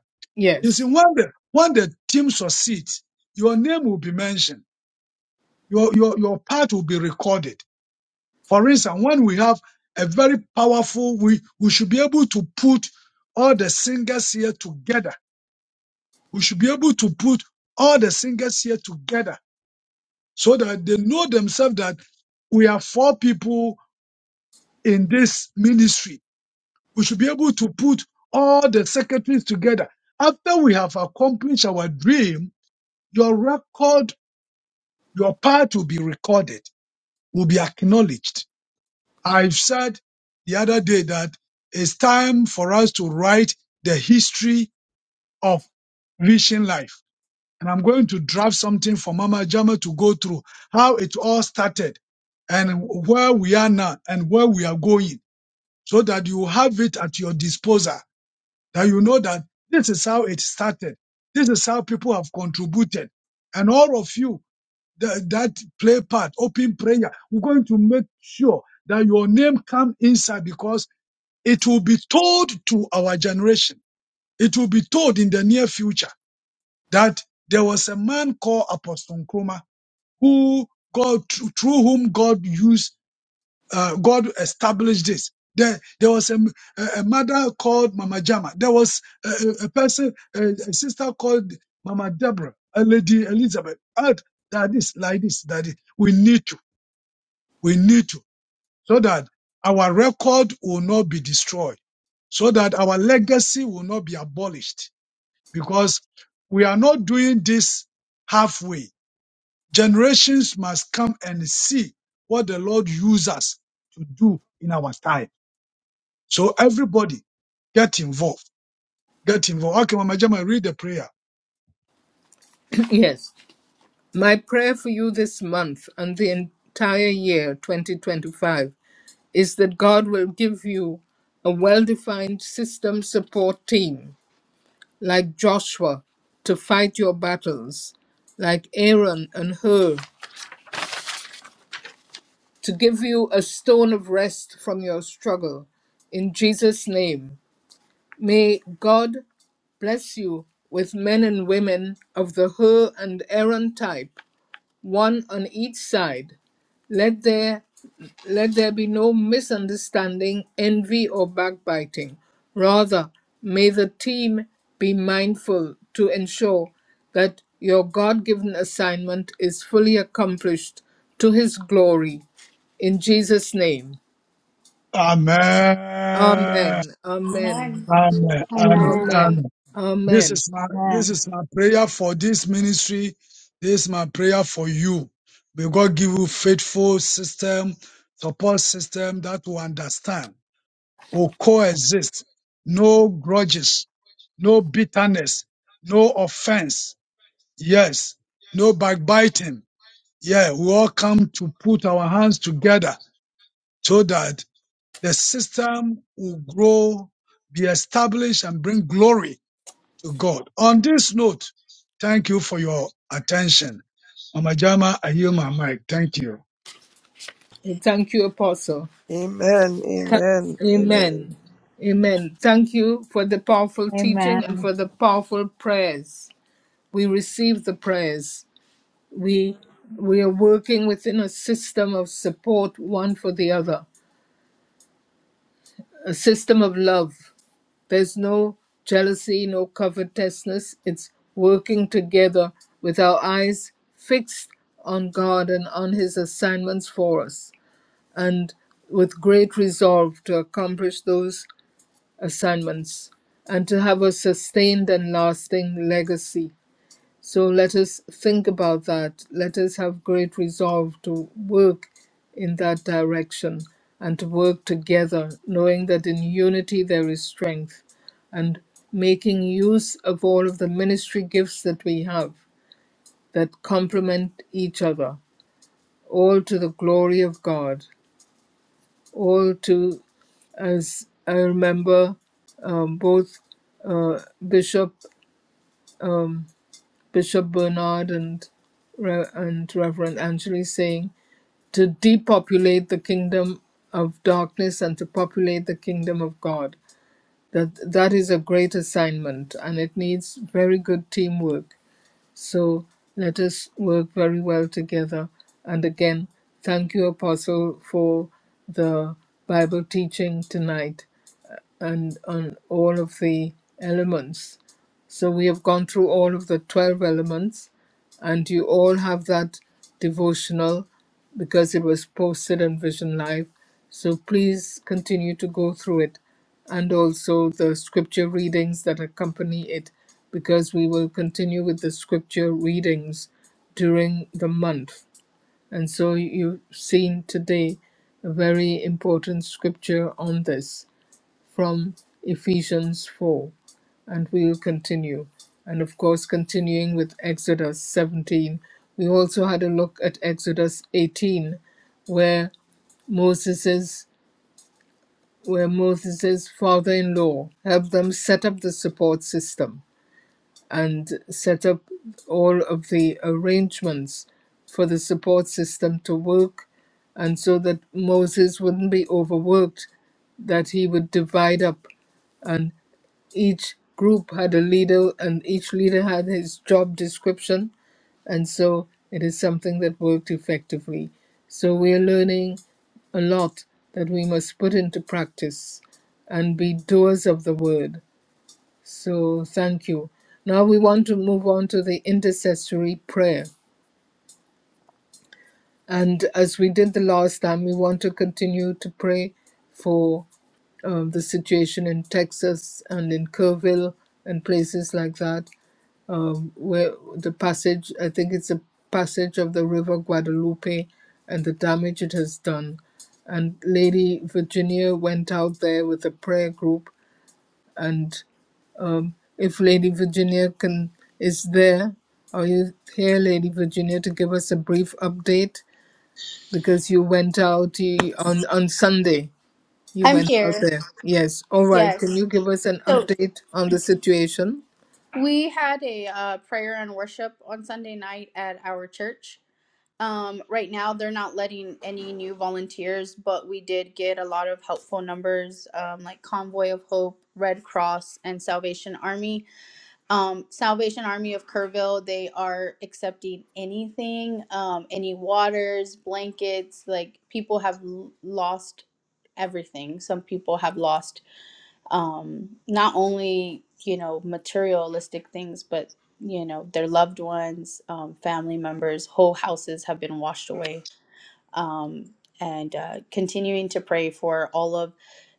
You see, Yes. when the, when the team succeeds, your name will be mentioned. Your, your, your part will be recorded For instance, when we have a very powerful, we, we should be able to put all the singers here together. We should be able to put all the singers here together so that they know themselves that we are four people in this ministry. We should be able to put all the secretaries together. After we have accomplished our dream, your record, your part will be recorded, will be acknowledged I've said the other day that it's time for us to write the history of Vision Life. And I'm going to draft something for Mama Jama to go through how it all started and where we are now and where we are going so that you have it at your disposal, that you know that this is how it started. This is how people have contributed. And all of you that, that play part, open prayer, we're going to make sure that your name come inside because it will be told to our generation. It will be told in the near future that there was a man called Apostle Nkrumah who God through whom God used uh, God established this. There, there was a, a- mother called Mama Jama. There was a, a a person, a, a sister called Mama Deborah, a lady Elizabeth. And that is like this. That is- we need to. We need to so that our record will not be destroyed, so that our legacy will not be abolished, because we are not doing this halfway. Generations must come and see what the Lord uses us to do in our time. So everybody get involved. Get involved. Okay, Mama Jama, read the prayer. yes. My prayer for you this month and the entire year 2025 is that God will give you a well defined system support team like Joshua to fight your battles, like Aaron and Hur to give you a stone of rest from your struggle. In Jesus' name, may God bless you with men and women of the Hur and Aaron type, one on each side. Let there Let there be no misunderstanding, envy, or backbiting. Rather, may the team be mindful to ensure that your God given assignment is fully accomplished to His glory. In Jesus' name. Amen. Amen. Amen. Amen. Amen. Amen. Amen. This Amen. is my this is my prayer for this ministry. This is my prayer for you. May God give you faithful system, support system that will understand or coexist. No grudges, no bitterness, no offense. Yes, no backbiting. Yeah, we all come to put our hands together so that the system will grow, be established, and bring glory to God. On this note, thank you for your attention. Mama Jama, I yield my mic. Thank you. And Thank you, Apostle. Amen, Tha- amen, amen. Amen. Amen. Thank you for the powerful teaching and for the powerful prayers. We receive the prayers. we we are working within a system of support one for the other a system of love there's no jealousy no covetousness it's working together with our eyes fixed on god and on his assignments for us and with great resolve to accomplish those assignments and to have a sustained and lasting legacy So let us think about that. Let us have great resolve to work in that direction and to work together, knowing that in unity there is strength and making use of all of the ministry gifts that we have that complement each other, all to the glory of God, all to, as I remember, um, both uh, Bishop. Um, Bishop Bernard and, Re- and Reverend Anjali saying to depopulate the kingdom of darkness and to populate the kingdom of God. That that is a great assignment and it needs very good teamwork. So let us work very well together. And again, thank you, Apostle, for the Bible teaching tonight and on all of the elements. So we have gone through all of the 12 elements, and you all have that devotional because it was posted on Vision Live. So please continue to go through it and also the scripture readings that accompany it because we will continue with the scripture readings during the month. And so you've seen today a very important scripture on this from Ephesians 4, and we'll continue. And of course, continuing with Exodus 17, we also had a look at Exodus 18, where Moses's where Moses's father-in-law helped them set up the support system and set up all of the arrangements for the support system to work and so that Moses wouldn't be overworked that he would divide up each group had a leader and each leader had his job description and so it is something that worked effectively so we are learning a lot that we must put into practice and be doers of the word so thank you now we want to move on to the intercessory prayer and as we did the last time, we want to continue to pray for um, the situation in Texas and in Kerrville and places like that, um, where the passage, I think it's a passage of the River Guadalupe and the damage it has done. And Lady Virginia went out there with a prayer group and um, if Lady Virginia can is there. Are you here, Lady Virginia, to give us a brief update? because you went out you, on on Sunday. You I'm went out here. there. Yes. All right. Can Yes. you give us an So update on the situation? we had a uh, prayer and worship on Sunday night at our church. Um, right now, they're not letting any new volunteers, but we did get a lot of helpful numbers um, like Convoy of Hope, Red Cross, and Salvation Army. Um, Salvation Army of Kerrville, they are accepting anything, um, any waters, blankets. Like people have l- lost everything. Some people have lost um, not only you know materialistic things, but you know their loved ones, um, family members, whole houses have been washed away. Um, and uh, continuing to pray for all of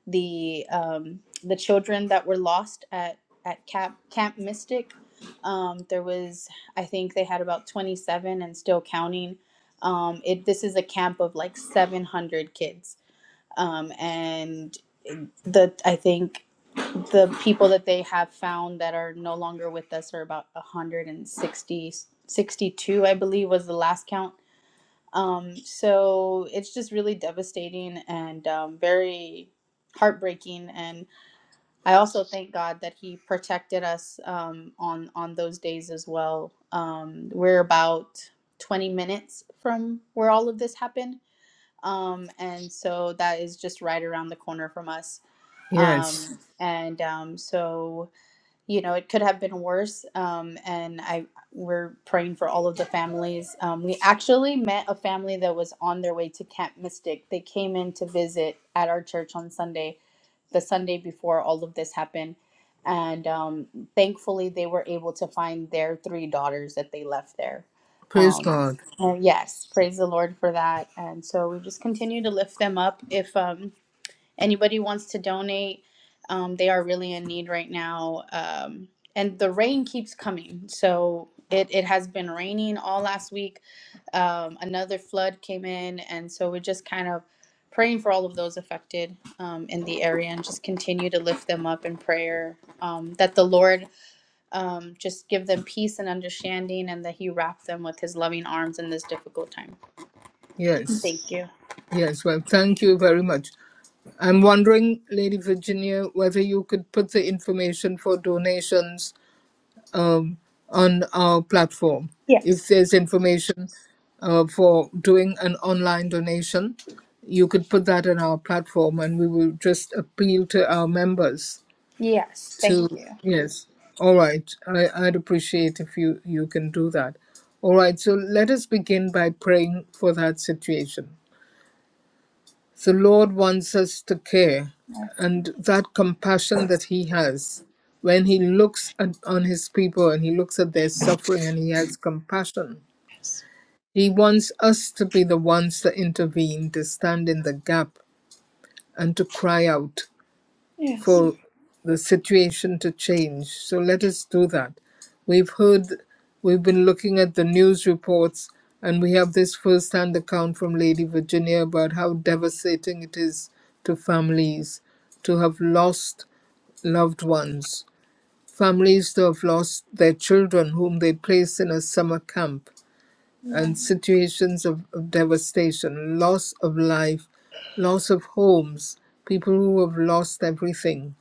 the um, the children that were lost at at Camp Camp Mystic. Um, there was, I think they had about 27 and still counting. Um, it this is a camp of like 700 kids um, and the I think the people that they have found that are no longer with us are about 160 I believe was the last count um, so it's just really devastating and um, very heartbreaking and I also thank God that he protected us um, on on those days as well um, we're about 20 minutes from where all of this happened um, and so that is just right around the corner from us. Um, Yes. and um, so you know, it could have been worse. Um, and I we're praying for all of the families. Um, we actually met a family that was on their way to Camp Mystic. They came in to visit at our church on Sunday the Sunday before all of this happened. And um, thankfully, they were able to find their three daughters that they left there. Praise Um, God. and yes, praise the Lord for that. And so we just continue to lift them up. If um, anybody wants to donate um, they are really in need right now um, and the rain keeps coming so it, it has been raining all last week um, another flood came in and so we're just kind of praying for all of those affected um, in the area and just continue to lift them up in prayer um, that the lord um, just give them peace and understanding and that he wrap them with his loving arms in this difficult time Yes. thank you Yes. Well, thank you very much. I'm wondering, Lady Virginia, whether you could put the information for donations on our platform. If yes there's information uh, for doing an online donation, you could put that on our platform and we will just appeal to our members yes thank to you yes all right I, i'd appreciate if you you can do that all right so let us begin by praying for that situation the lord wants us to care yes and that compassion that he has when he looks at, on his people and he looks at their suffering and he has compassion he wants us to be the ones that intervene to stand in the gap and to cry out Yes. for the situation to change. So let us do that. We've heard, we've been looking at the news reports, and we have this first hand account from Lady Virginia about how devastating it is to families to have lost loved ones, families to have lost their children whom they placed in a summer camp, and Yes, situations of, of devastation, loss of life, loss of homes, people who have lost everything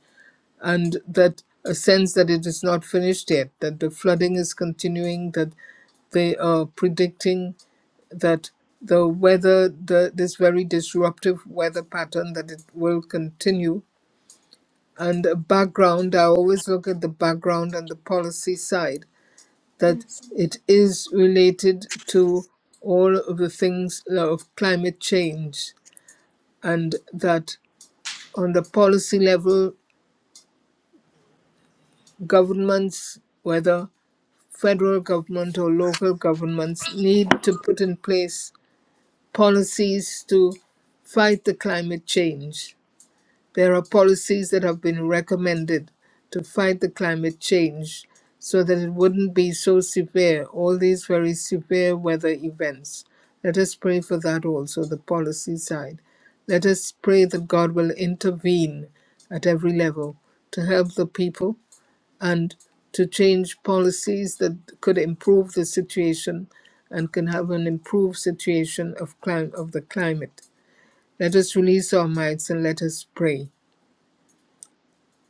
and that a sense that it is not finished yet, that the flooding is continuing, that they are predicting that the weather, the, this very disruptive weather pattern, that it will continue. And a background, I always look at the background and the policy side, that yes, it is related to all of the things uh, of climate change, and that on the policy level, governments, whether federal government or local governments need to put in place policies to fight the climate change. There are policies that have been recommended to fight the climate change so that it wouldn't be so severe, all these very severe weather events. Let us pray for that also, the policy side. Let us pray that God will intervene at every level to help the people and to change policies that could improve the situation and can have an improved situation of clim- of the climate. Let us release our minds and let us pray.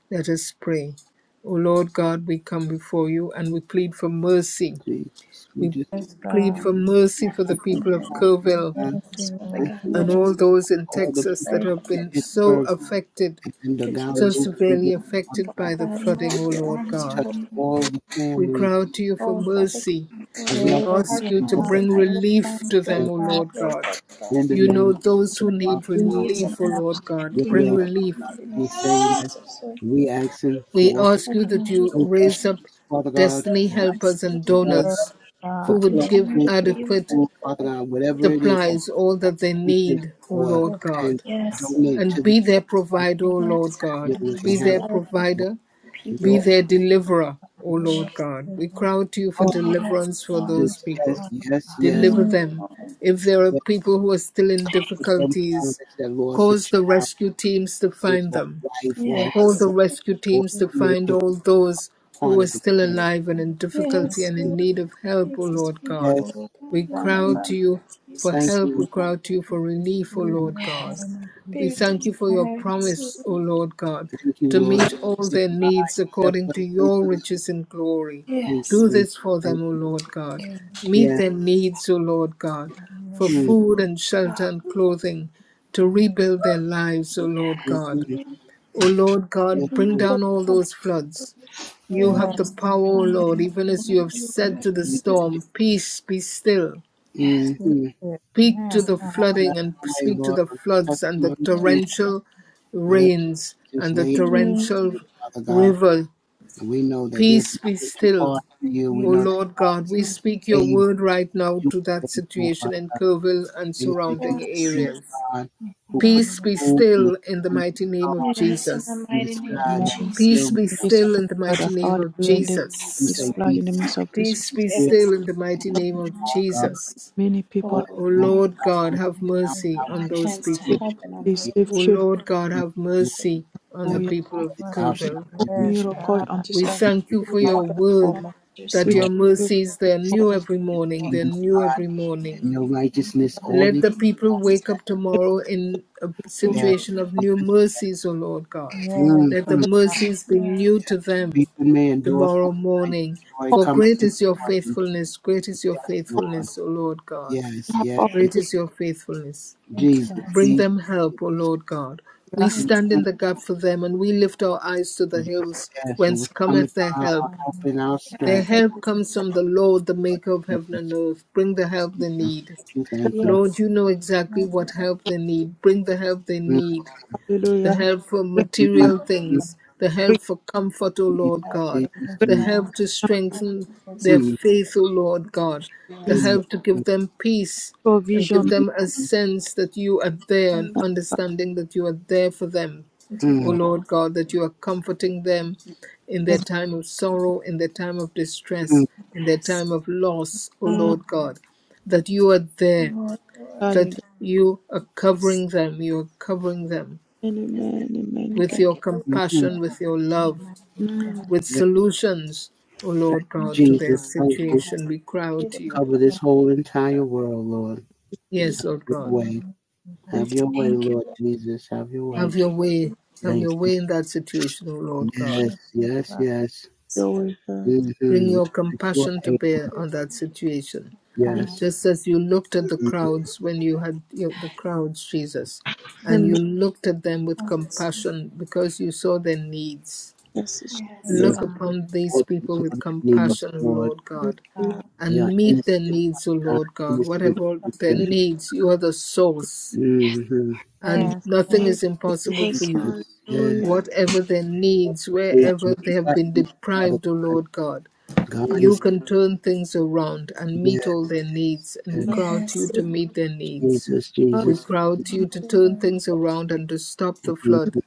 Let us pray. O Lord God, we come before you and we plead for mercy. Jesus, we We just plead for mercy for I the pray Lord. people of for our Kerrville God. Yes, Father I ask that God, you and just all those cover in all the Texas people pray, that up Father have been God, so Lord, here affected, and and the that you God of would so new just, thing will severely come affected Father by the God, and flooding, We wrap O your ask that Lord you arms God. touch around them. all the We families cry out and to you for Oh, Father mercy. God, the We loved ones our ask you and to those plans that are bring not your relief plans, to still them, Lord. O Lord Pray, God. Father missing God, in the Lord, You name know of those give who Jesus, Father need God. peace and relief, O Lord God. Your understanding, way, Bring Lord. Father relief. in the God. Mighty name We saying of that Jesus, Lord. we asking We for ask you that Amen, you raise donations, Lord. up Father God, for destiny Yes, helpers blankets, and for Lord. water, donors for who would give Continue clothing, to be for with adequate us, food, Father Father God, God, Lord. whatever it with is us, Father supplies, God, all that they we can need, O or Lord can God. Yes, Lord. donate And to the be their Father God. provider, O Lord Yes, Your God. Father God, way, to and Be have their serve, Father God, provider We Be people, also their Lord. deliverer, O ask Lord God. We cry to you for you, Yes, deliverance for Lord. those Jesus, people. yes, yes, yes, Deliver Mm. them. If there are yes. people who are still in For them difficulties, parents that lost a cause the child, rescue teams to just find or them. a wife or a All the Yes, husband rescue or teams to a find teenager who all those was who part were of the still camp. alive and in difficulty yes, and in Lord need of help, O Jesus, Lord we God. give Yes, to We God in the cry we out name to of you for thank Jesus. help, we you, cry Lord. out to you for relief, O Lord God. Yes, We be with thank those you for your parents, promise, O Lord. Lord God, Thank you, to Lord. meet all Give their needs except according for to the grace your of God. riches and glory. Thank you, Yes, Do Lord Jesus. this for Thank them, O you. Lord God. Meet Yes. their needs, O Lord God, for Mm, food and shelter and God. clothing, to rebuild their lives, O Give Lord mm, God. mm, them O Lord yes, give God, them bring mm. down hope, all Father. those God. floods. Pray You And have the mercy power, O upon Lord, them. even as you In have the said Jesus, to name the Jesus, of Jesus, storm, Jesus. Lord. Peace, be still. Mm-hmm. Speak to the Lord, have flooding and your way, speak to Lord, the on this floods and the testimony too. torrential Whatever rains just and the lay it Mm. at torrential you, Father God. river. And we know that there's Peace, be nothing too still. hard for you. We O know that Lord God God, is we speak your able, word right now you to are that faithful, Father situation in God. Kerrville and We know that you surrounding are the Yes, same Lord. areas. God who put the Peace be moon and the still in the sun and the mighty name of stars Yes, in Jesus. the in the mighty name sky of that Among is still Peace Jesus. there, be this still Father. in the mighty flood, name of hallelujah. We In know the, that you Yes, this Jesus. say, Lord. flood, be in the peace, midst of this, Peace be still. be Give We us still in the mighty know name that you of understanding. are God. Jesus. many We know people that Oh, O the Lord Lord, is Lord our God, Lord have and our mercy on our salvation. those hands to Who people. shall help in we they only fear? save O ways. children. Lord God, We know, have Lord, mercy on that the Hallelujah. the people of Lord is our shepherd Kerrville. and we shall Miracle not on this We earth, be that thank you for warned. not your without word, performer. just that We your Lord, trust you, mercies, they're It's new God. every the morning, for they're kingdom of new God every morning. and your everything in righteousness, your all mighty Let these the name. people shall be wake added. up unto. tomorrow in a Thank Yes, you. situation of new yes, yes. mercies, O Lord God. Let the Mm-hmm. mercies be Yes. new to them Weeping may endure for tomorrow the night, but morning. joy For comes great in is the your morning. faithfulness, great is your Yes, Lord. faithfulness, O Lord God. Yes, yes, Yes. yes. Great is your faithfulness. Hallelujah. Jesus, Yes. Bring So Jesus, them help, O Jesus. Lord God. We thank you. stand in Mhm, the gap for them and we lift our eyes to the Jesus. hills Yes, for whence which cometh cometh their our help. help and our Their Yes. strength, Lord, help comes from the Lord, the Lord maker of heaven and Jesus. earth. Bring the help they Thank you, need. thank you, thank you. Lord, Yes. you know exactly Yes. what help they need. Bring the help they mm need, the Hallelujah. help for Bring mm Have one material a mm. things, the bring help for comfort, O Lord Jesus, life. God, Thank Jesus, bring the Jesus. help to strengthen you for this their Mm-hmm. faith, O Lord God, the his experience. We help to Mm-hmm. give them peace and give provision. them a Mm-hmm. sense that you are there and can understanding that you are there for them. continue O to Mm, Lord walk God, that you are comforting them in in their music. time of sorrow, in their time of mm, distress, in their Yes. time of loss, O Amen. Lord God, that you are there Lord. Lord. that Hallelujah. you are Yes. covering them. You are covering them Yes. Amen. Amen. with God. Thank your you for your mm, mm. compassion, call. with your love, Amen. with Yeah. solutions, O Thank Lord you, God, to Mhm. their Jesus. Thank you. Yes. situation. We cry out Just to you. cover this whole entire world, Lord. Just We Yes, have Lord your God. way. Have Thank you your way, Thank Lord you. Jesus. Have your way. Have Thank your you for way. your Have your Thank you. way in that situation, O Lord God. Yes, yes, yes. for your word, God. Bring Mm-hmm. your That you are compassion to able. bear on that situation. Yes. Just as you looked at the Mm-hmm. crowds when you had you the crowds, Jesus, and Amen. you looked at them with response. compassion because you saw their needs Yes, Yes. Jesus. Look upon these Lord, that's people with what it needs, compassion, O Lord. Lord God, Hallelujah. They are and meet their innocent, my needs, O God, Lord God. innocent Whatever their children. needs, you are the source, Mm-hmm. and Amen. nothing Amen. is impossible for Jesus. you. Jesus, yes. Hallelujah. Whatever their You are needs, able. wherever You they have are been able, Father deprived, O Lord God, God. God is you can turn things around and Yes, meet all their needs, and yes. we Amen. cry yes, out to you Yes, to Lord. meet their needs. Jesus, We Jesus, cry out Jesus, to you Thank to help you, turn Lord. things around and to stop the me. flood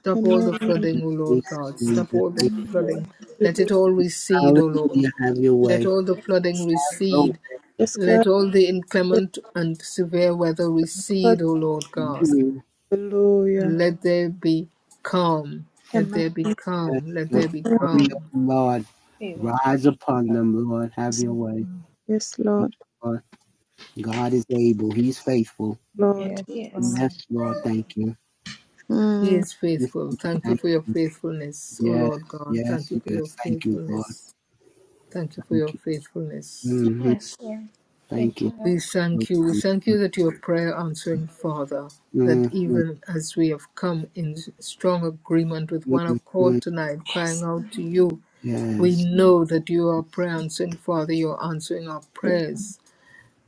Stop all the Amen. flooding, O Jesus, Lord Jesus, God. Stop Jesus. all the Thank you, Lord. flooding. Let Hallelujah. it all recede, O Lord. Hallelujah. Have your Let way. all the flooding Oh, recede. Yes, Let God. all the inclement and severe weather recede, O Lord God. you. Hallelujah. And let there be calm. Let Amen. there be Yes, calm. Let let there be the glory of calm. the Lord Be with us. rise upon them, Lord. Have your way. Yes, Thank Lord. you, Lord. God is able. He's faithful. Lord. Yes. Yes, Lord. Thank you. He Mm. is Yes, faithful. thank you. Thank you Thank for your you. faithfulness, O Yes, Lord God. Thank yes, you for your yes. Thank you, Lord. faithfulness. Thank you for Thank your you. faithfulness. hmm Yes, Lord. Thank Thank you, you. Lord. We thank you. We thank you that you are prayer answering Father, that hmm even as we have come in strong agreement with one Mhm. accord tonight, crying out to you, we Yes. know that you are prayer answering Father, you are answering our Amen. prayers.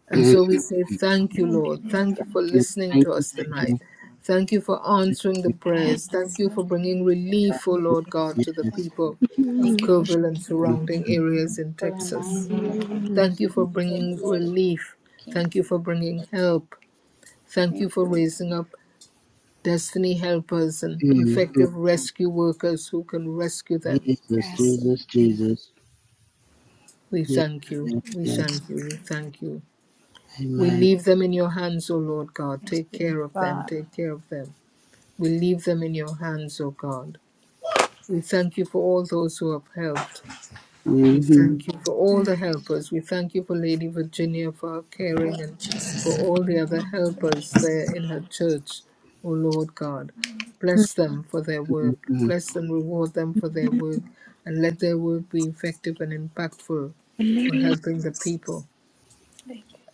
And so we Mhm. say, Thank you, Thank you, Lord. Lord. Thank you for Thank you. listening Thank to you. us Thank tonight. you. Thank you for Thank answering the you. Yes, prayers. Thank you Lord. for bringing Thank you, Yes. relief, O Lord God, Yes. to the Lord. Yes. people of Thank you for Kerrville and speaking. me, surrounding Mm-hmm. areas in for Texas. reminding me that Mm. Thank Jesus. you for you Jesus. are the bringing Lord of relief. the King. Thank you for bringing help. Thank Thank you for you. Lord. raising up destiny helpers and Jesus. Mm-hmm. effective rescue workers who can rescue them. Jesus. Yes, Lord. Thank you. Jesus. We Yes. thank you. Yes. We Yes. thank you. We thank you. We Amen. leave them in your hands, O Lord God. Take care of them. Take care of them. We leave them in your hands, O God. We thank you for all those who have helped. We Mm-hmm. thank you for all the helpers. We thank you for Lady Virginia for her caring and for all the other helpers there in her church, O Lord God. Bless them for their work. Mm-hmm. Bless them, reward them for their work, and let their work be effective and impactful for Amen. helping the people. Thank you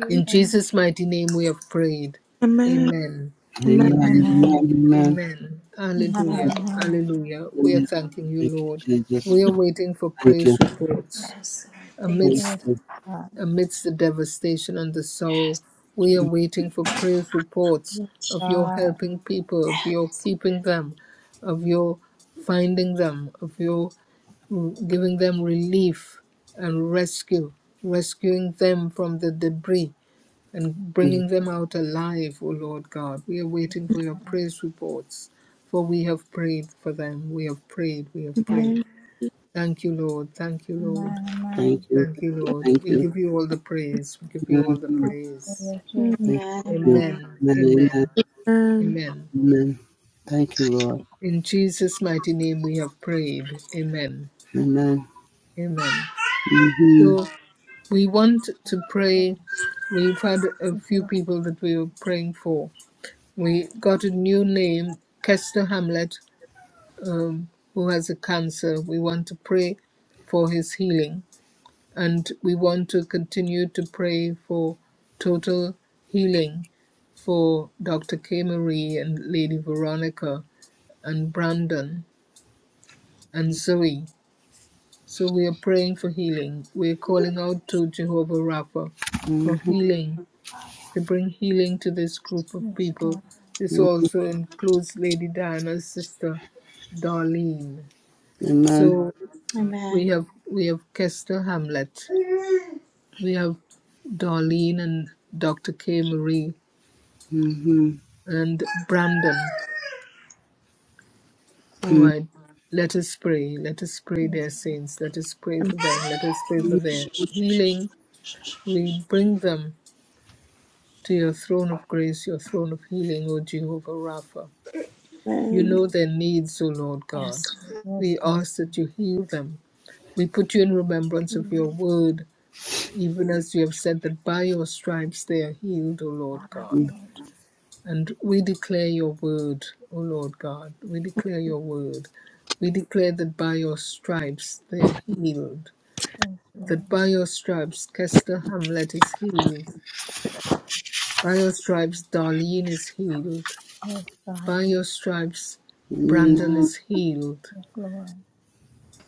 for your In kindness. Jesus' mighty name we have prayed. Amen. Amen. Amen. Amen. Amen. Amen. Amen. Amen. Hallelujah. Hallelujah. We are Hallelujah. thanking you, Thank you, Lord. Jesus. We are waiting for Thank you. praise reports. Yes, Lord. Thank you. Thank Amidst, you. amidst the devastation and the sorrow, we are waiting for praise reports of your helping people, of your keeping them, of your finding them, of your r- giving them relief and rescue, rescuing them from the debris and Mm. bringing them out alive, O Lord God. We are waiting for your praise reports, for we have prayed for them. We have prayed, we have prayed. Amen. Thank you, Lord. Thank you, Lord. Thank you. Thank Thank you, you. Lord. Thank We you. give you all the praise. We give you all the Mm-hmm. praise. Amen. Thank Amen. you. Amen. Amen. Amen. Amen. Amen. Amen. Amen. Thank you, Lord. In Jesus' mighty name we have prayed. Amen. Amen. Amen. Mm-hmm. So we want to pray. We've had a few people that we were praying for. We got a new name, Kester Hamlet, um, who has a cancer. We want to pray for his healing. and we want to continue to pray for total healing for Dr. K. Marie and Lady Veronica and Brandon and Zoe. So we are praying for healing. We're calling out to Jehovah Rapha hmm for healing, to bring healing to this group of people. This also includes Lady Diana's sister, Darlene. Amen. So Amen. we Amen. have we have Kester Hamlet We have Darlene and Dr. K. Marie Hmm. and Brandon. All hmm right. Let us pray. Let us pray their saints. Let us pray for them. Let us pray for their healing. We bring them to your throne of grace, your throne of healing, O Jehovah Rapha. You Amen. know their needs, O Lord Yes, God. Lord. We ask that you heal them. We put you in remembrance of your word, even as you have said that by your stripes they are healed, O Lord God. And we declare your word, O Lord God. We declare your word. We declare that by your stripes they are healed. That by your stripes Kester Hamlet is healed. By your stripes Darlene is healed. By your stripes Mm-hmm. Brandon is healed.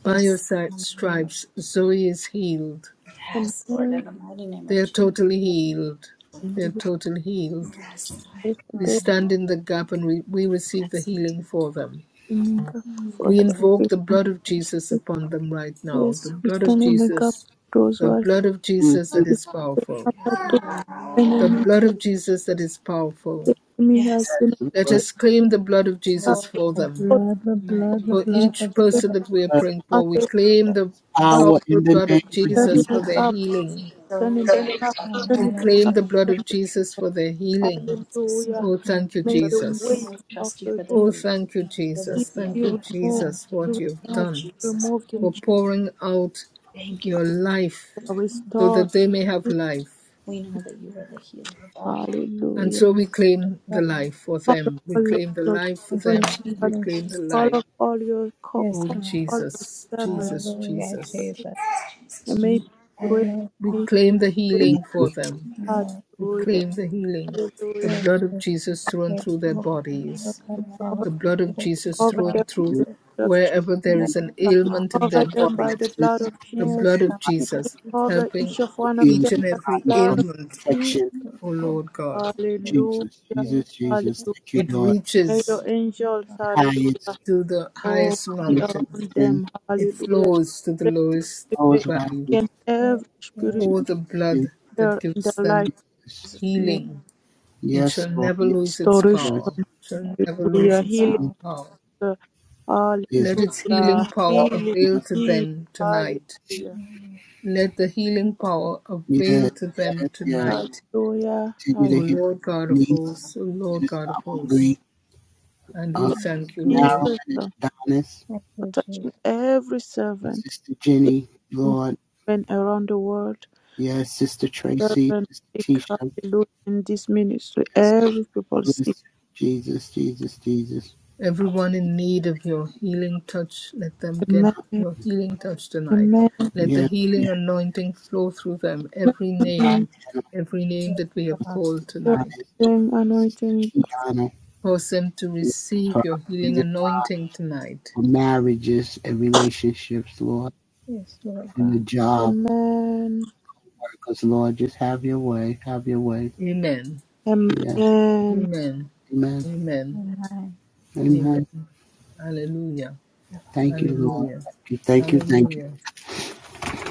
By your Yes. si- In the name of- stripes Zoe is healed. Those Yes, Lord. In in the mighty name They of are Jesus. totally healed. They are the totally healed. Yes, Lord. We stand in the gap and we, we receive the Yes, we healing do. for them. gap for We Mm, the invoke people the who blood of Jesus sleep. upon them right now. The Yes, we blood of stand in the gap Jesus, for those who the are blood of Jesus hmm that sick. is powerful. After the The enemy, blood of Jesus that is powerful. the enemy has Yes. been Yes, Let Lord. us claim the blood of up Jesus Lord, for Father God, them. for in the mighty For name each them person that we are Lord, praying and for, we they claim the of The Jesus, Power powerful in the blood name of we of are turning Jesus for it their Jesus. up, healing. so The it Father up, God, in the We mighty turning name claim the of blood The of Jesus for their up. healing. Jesus, Hallelujah. Oh, thank you, we May the believe weight Jesus. and we of trust you the for the disease Oh, belief, thank you, for the be Jesus. Thank healing, you, Father removed, God, Jesus, in for the what be mighty you've name of removed, done. Jesus. removed in for Jesus. pouring out Thank you, your Father. life Lord. so Restored. that they may have life. We know that you are the healer of all healing. And Hallelujah. so we claim the life for Call them. We upon your claim the life for children, them. We God. claim the Call life. upon all your call, Oh, call all your Jesus, servants. Jesus, Jesus. And may We pray. May claim the pray. Amen. healing for them. We Hallelujah. claim the healing. The Hallelujah. blood of Jesus thrown through their bodies. Cover, The blood of Jesus cover thrown them through You by the blood of Je- wherever there is an ailment in cover their them by body. the blood Alexis of The Jesus. blood and of my Jesus cover helping each of will one of heal each them his and by the every body blood of from ailment Jesus. infection. O Lord God. Hallelujah. Jesus, Jesus, Jesus. Thank you, Hallelujah. It Lord. May reaches your angels, The hallelujah, highest, to the oh, highest be highest mountain, around mountain, them. it Hallelujah. flows to the lowest lowest valley. valley. Against every spirit O the Jesus, yes, blood that Lord, the gives light them Jesus. is my healing, it Yes, shall Lord. never Yes, lose its restoration. power, yes, shall never lose Hallelujah. its Healing. yes. power. Hallelujah. There's Let its healing power blood. Healing. in the avail to healing. them tonight. Hallelujah. Let the healing power avail Yes, to them yes, yes. tonight. Hallelujah. Continue Hallelujah. O to heal Lord God of niece, hosts, O Lord Minister God of Aubrey, hosts, and we uh, Sister thank you, Marilyn Lord. and For Adonis, touching every and servant Sister Jenny, in Lord. and around the world. Yes, Sister Tracy, Servant, Sister seek Tisha, hallelujah in this ministry. yes, Sister Every people seek. Phyllis. Jesus, Jesus, Jesus. Everyone in Jesus, need of your healing touch, let them get Amen. your healing touch tonight. Amen. Let the Yes, healing yes. anointing flow through them, every For name, Anointing. Diana, every name that we for have Sister called Donna, tonight. for Sister Anointing. Kiana, Cause them to Jesus, for receive your husbands healing and wives, anointing tonight. for marriages and relationships, Lord, for your job. Amen. Because Lord. Just have your way. Have your way. Amen. Yes. Amen. Amen. Amen. Amen. Amen. Amen. Hallelujah. Thank you, Lord. Hallelujah. Thank you. Thank you. Thank you. Hallelujah.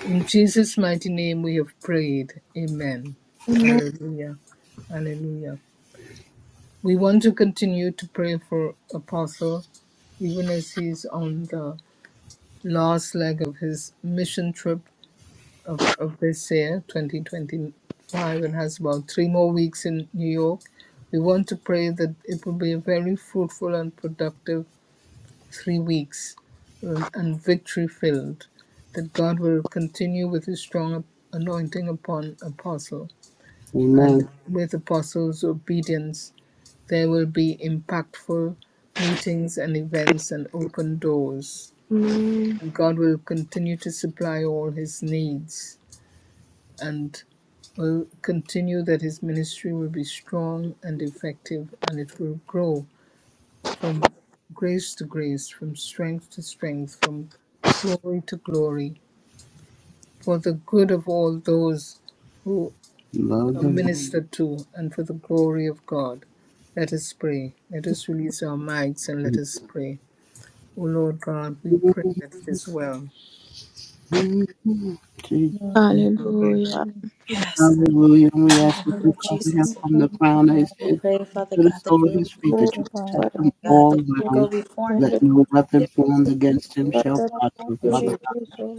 In Jesus' mighty name we have prayed. Amen. Amen. Hallelujah. Hallelujah. We want to continue to pray for Apostle even as he's on the last leg of his mission trip of, of this year, 2025, and has about three more weeks in New York. We want to pray that it will be a very fruitful and productive three weeks um, and victory filled, that God will continue with his strong anointing upon Apostle and Amen. with apostles' obedience, there will be impactful meetings and events and open doors. Amen. And God will continue to supply all his needs and will continue that his ministry will be strong and effective and it will grow from grace to grace, from strength to strength, from glory to glory, for the good of all those who. Love are the Lord. ministered to and for the glory of God. Let us pray. Let us release our mics and let us pray. O Lord God, we pray that it is well. Jesus. Pray. Hallelujah. Yes, Lord, Hallelujah. And in the we ask mighty that name you of cover him Jesus, Lord. from the crown of his we head pray, Father to the God, that sole of you his would be feet, with Oh, that the you pastor, protect Father, Father him God, that all you would go round. before Let him and no behind weapon him. formed against him Lord. Father, shall thank prosper. And Father you, God,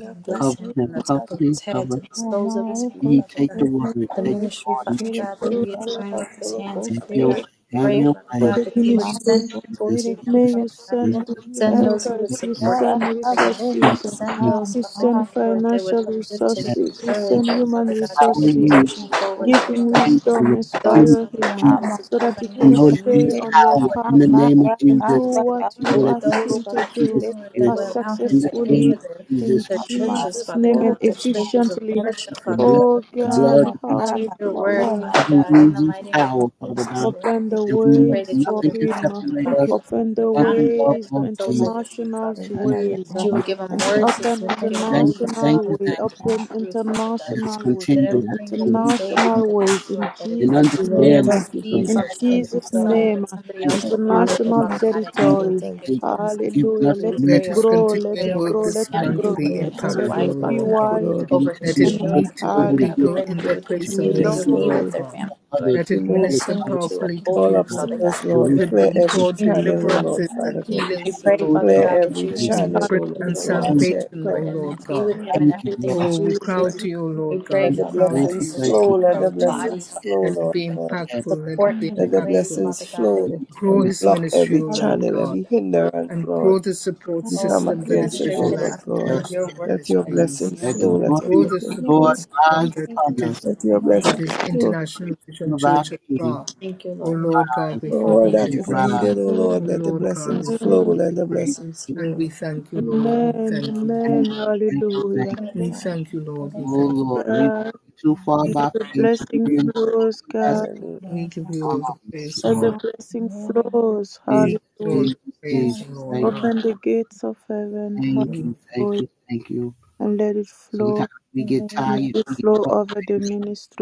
God, bless cover him from him, the cover top of him, his head cover to the him. soles of his feet, He Father take the word, God. The take the ministry, word Father with you, God, that Father you God. he is doing with his hands, Have Father your, God. have Pray, your Father for way. God, the that you would ministry. send people Jesus, to him, May Jesus, Father you God. Jesus. send Thank you, Send those who thank would you, helpers, you support him, send Father God. Mm, resources, mm, Send mm. those, you Father send God, Lord, that would financial uplift him, Yes, and resources, you yes, encourage send him, human Father yes. God, to keep resources. Hallelujah. pushing forward, Give Father him God. Thank you, wisdom, Lord. In the name Those, inspire Father of God, him Jesus, that would so supply that he we can know financial that need, stay there's on your Father power in the path name of and do Jesus. God what We know you that ask there's those, him Father to do miraculous God, Lord, that healing uh, will allow him in the to name of enter successfully their, Jesus, in their Father God. churches, Jesus' Father name and God, their spaces of efficiently. That is worship, the Father blood, God, Oh the Lord, to God, blood, preach, the blood teach your word, hallelujah. Father never God, in the loses mighty name of power, Father Jesus, God. Lord. Open the And we I know pray that ways that you for would nothing can anoint him. him, separate Father us God, Open on the the Thank counter you, of his Lord, head to ways, the Lord the soles Jesus. of his feet, international's Father And God. we thank ways. That you you, would give him Lord. And Thank words to you, open speak in thank you, boldness, thank Father international you, way. thank God, you. and Open in truth, Father God. Let us international way. That continue to ask everything that for he wisdom says, and Father International God, ways knowledge in Lord, that it and brings Jesus' Thank life. you, That Lord. understanding every name. Thank and you, seed, In Father Jesus. God, Thank compassion, that you, is Jesus' Father God. sown, Father. name. that somebody Thank you else Thank will for you, water it, always Lord. International giving Father Thank us you, a God, and clean you will Father. territory. make Thank it you, slate, grow, Jesus. God. giving Hallelujah. us We a Let it new Let pray day His over grow. him. We Let pray continuing it to over work get grow. it his this Let it right Thank family, month grow. you, Lord, one be Lord. and his Thank more you, Lord. Thank time, impactful, Let you, wife, it Father O Lord. be Father God. Lord God. Thank you, God. Lord. Thank you, wide. Thank Lord. you Over that his Let we are it And Thank children, meet always you, Lord. the Father able to God. We get people pray up hallelujah. in that you their Let would it to place be of Oh, continue to need, yes, O intercede known. be Lord with Lord. their God. family, for Lord. others Let as it Remove well as minister Continue ourselves, to Father powerfully to uphold All them, God. people. Father God, obstacles, and And Let Lord, we thank uplift it clear them bring you, and every forth thank strengthen you, them, thank channel, you. O Father Lord, deliverances and God. Father God. We healings, O pray, Thank you, Lord Father Clear God, God, thank you, that every you would thank just you, and channel, O continue bring Hallelujah. and Lord to walk God. with thank you, him, Check, salvation, O Lord, clear and every Lord that be God. with channel. him in thank you, Lord, everything Oh, that you we thank do, you, crowd Lord. Jesus. to you, O We Lord thank pray, God. Let you, We the Father crowd God, thank to you, Lord, that blessings you. us thank We flow, you. let as a the crowd to you. body blessings Father, flow, Let Yes, it Lord be yes, God. yes, impactful. Let support it thank be him Let you, in the Jesus. ways, impactful. blessings Father God, that we flow Thank Grow can you, and his block ministry, every O Lord channel, continue God, every to. hindrance, and Lord. grow the support We Oh, come system Father that God, is against it, Yes, Vision O strengthen Lord Life us to yes, God. do International your work, yes. Let your Father God, blessing Ministries, and your Let the flow, will. let and your grow glory of the the blessing Lord support flow. system rise that upon it is us. Let your We that blessing thank you, is God. Let the flow. International praises Vision of our Church of King Prague. Thank you, O Lord. Lord God, rise. we All Thank Let that fervently you, it is Father. pray. needed, O rise. Lord, O let the Lord God, we blessings flow, let Jesus, fervently the pray. Jesus, blessings Jesus. And flow. we Thank thank you, you, Lord. Lord. We Amen, thank you. Thank amen, you, thank you, hallelujah. thank Thank you. We you. thank you, Lord. We Thank Oh thank you. you. Lord, we've God, come too far We give by the you all faith, the blessing praise. even on the flows, God, everlasting. Hallelujah. We give you Um, all the praise, O let Lord Lord. the blessing flows, We Jesus, give you all hallelujah. Jesus, the Jesus, praise, O Lord thank you, God. Open the gates of heaven, thank We- you, thank hallelujah, you, thank you. and let it flow, Sometimes we get let tired, it we get flow over the frustrated,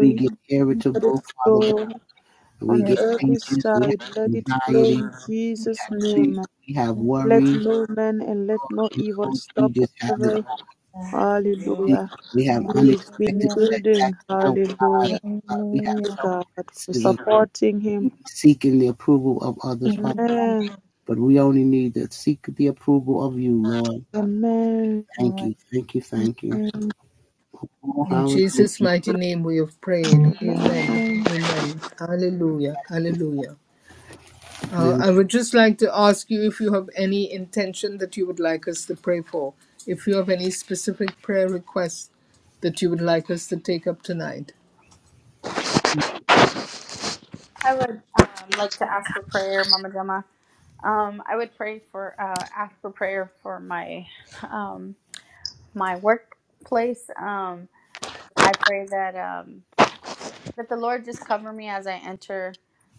we get let it irritable, Father God. flow We on get every anxious, we have side, let it flow anxiety, in we Jesus' have fear, name. we have Let worries. no man and let no Lord evil knows we stop just have it whatever, all. Thank you. Jesus. hallelujah, We have he's been unexpected building, setbacks in our lives. Father hallelujah. God. We have self God, for criticism. supporting We him. be seeking the approval of others, Father. Amen. But we only need to seek the approval of you, Lord. Amen. Thank you, thank you, thank you. Amen. Oh, In hallelujah. Jesus' mighty name we have prayed. Amen. Amen. Hallelujah. Hallelujah. Uh, Amen. I would just like to ask you if you have any intention that you would like us to pray for. If you have any specific prayer requests that you would like us to take up tonight. I would um, like to ask for prayer, Mama Gemma. Um, I would pray for uh, ask for prayer for my um, my workplace. Um, I pray that um, that the Lord just cover me as I enter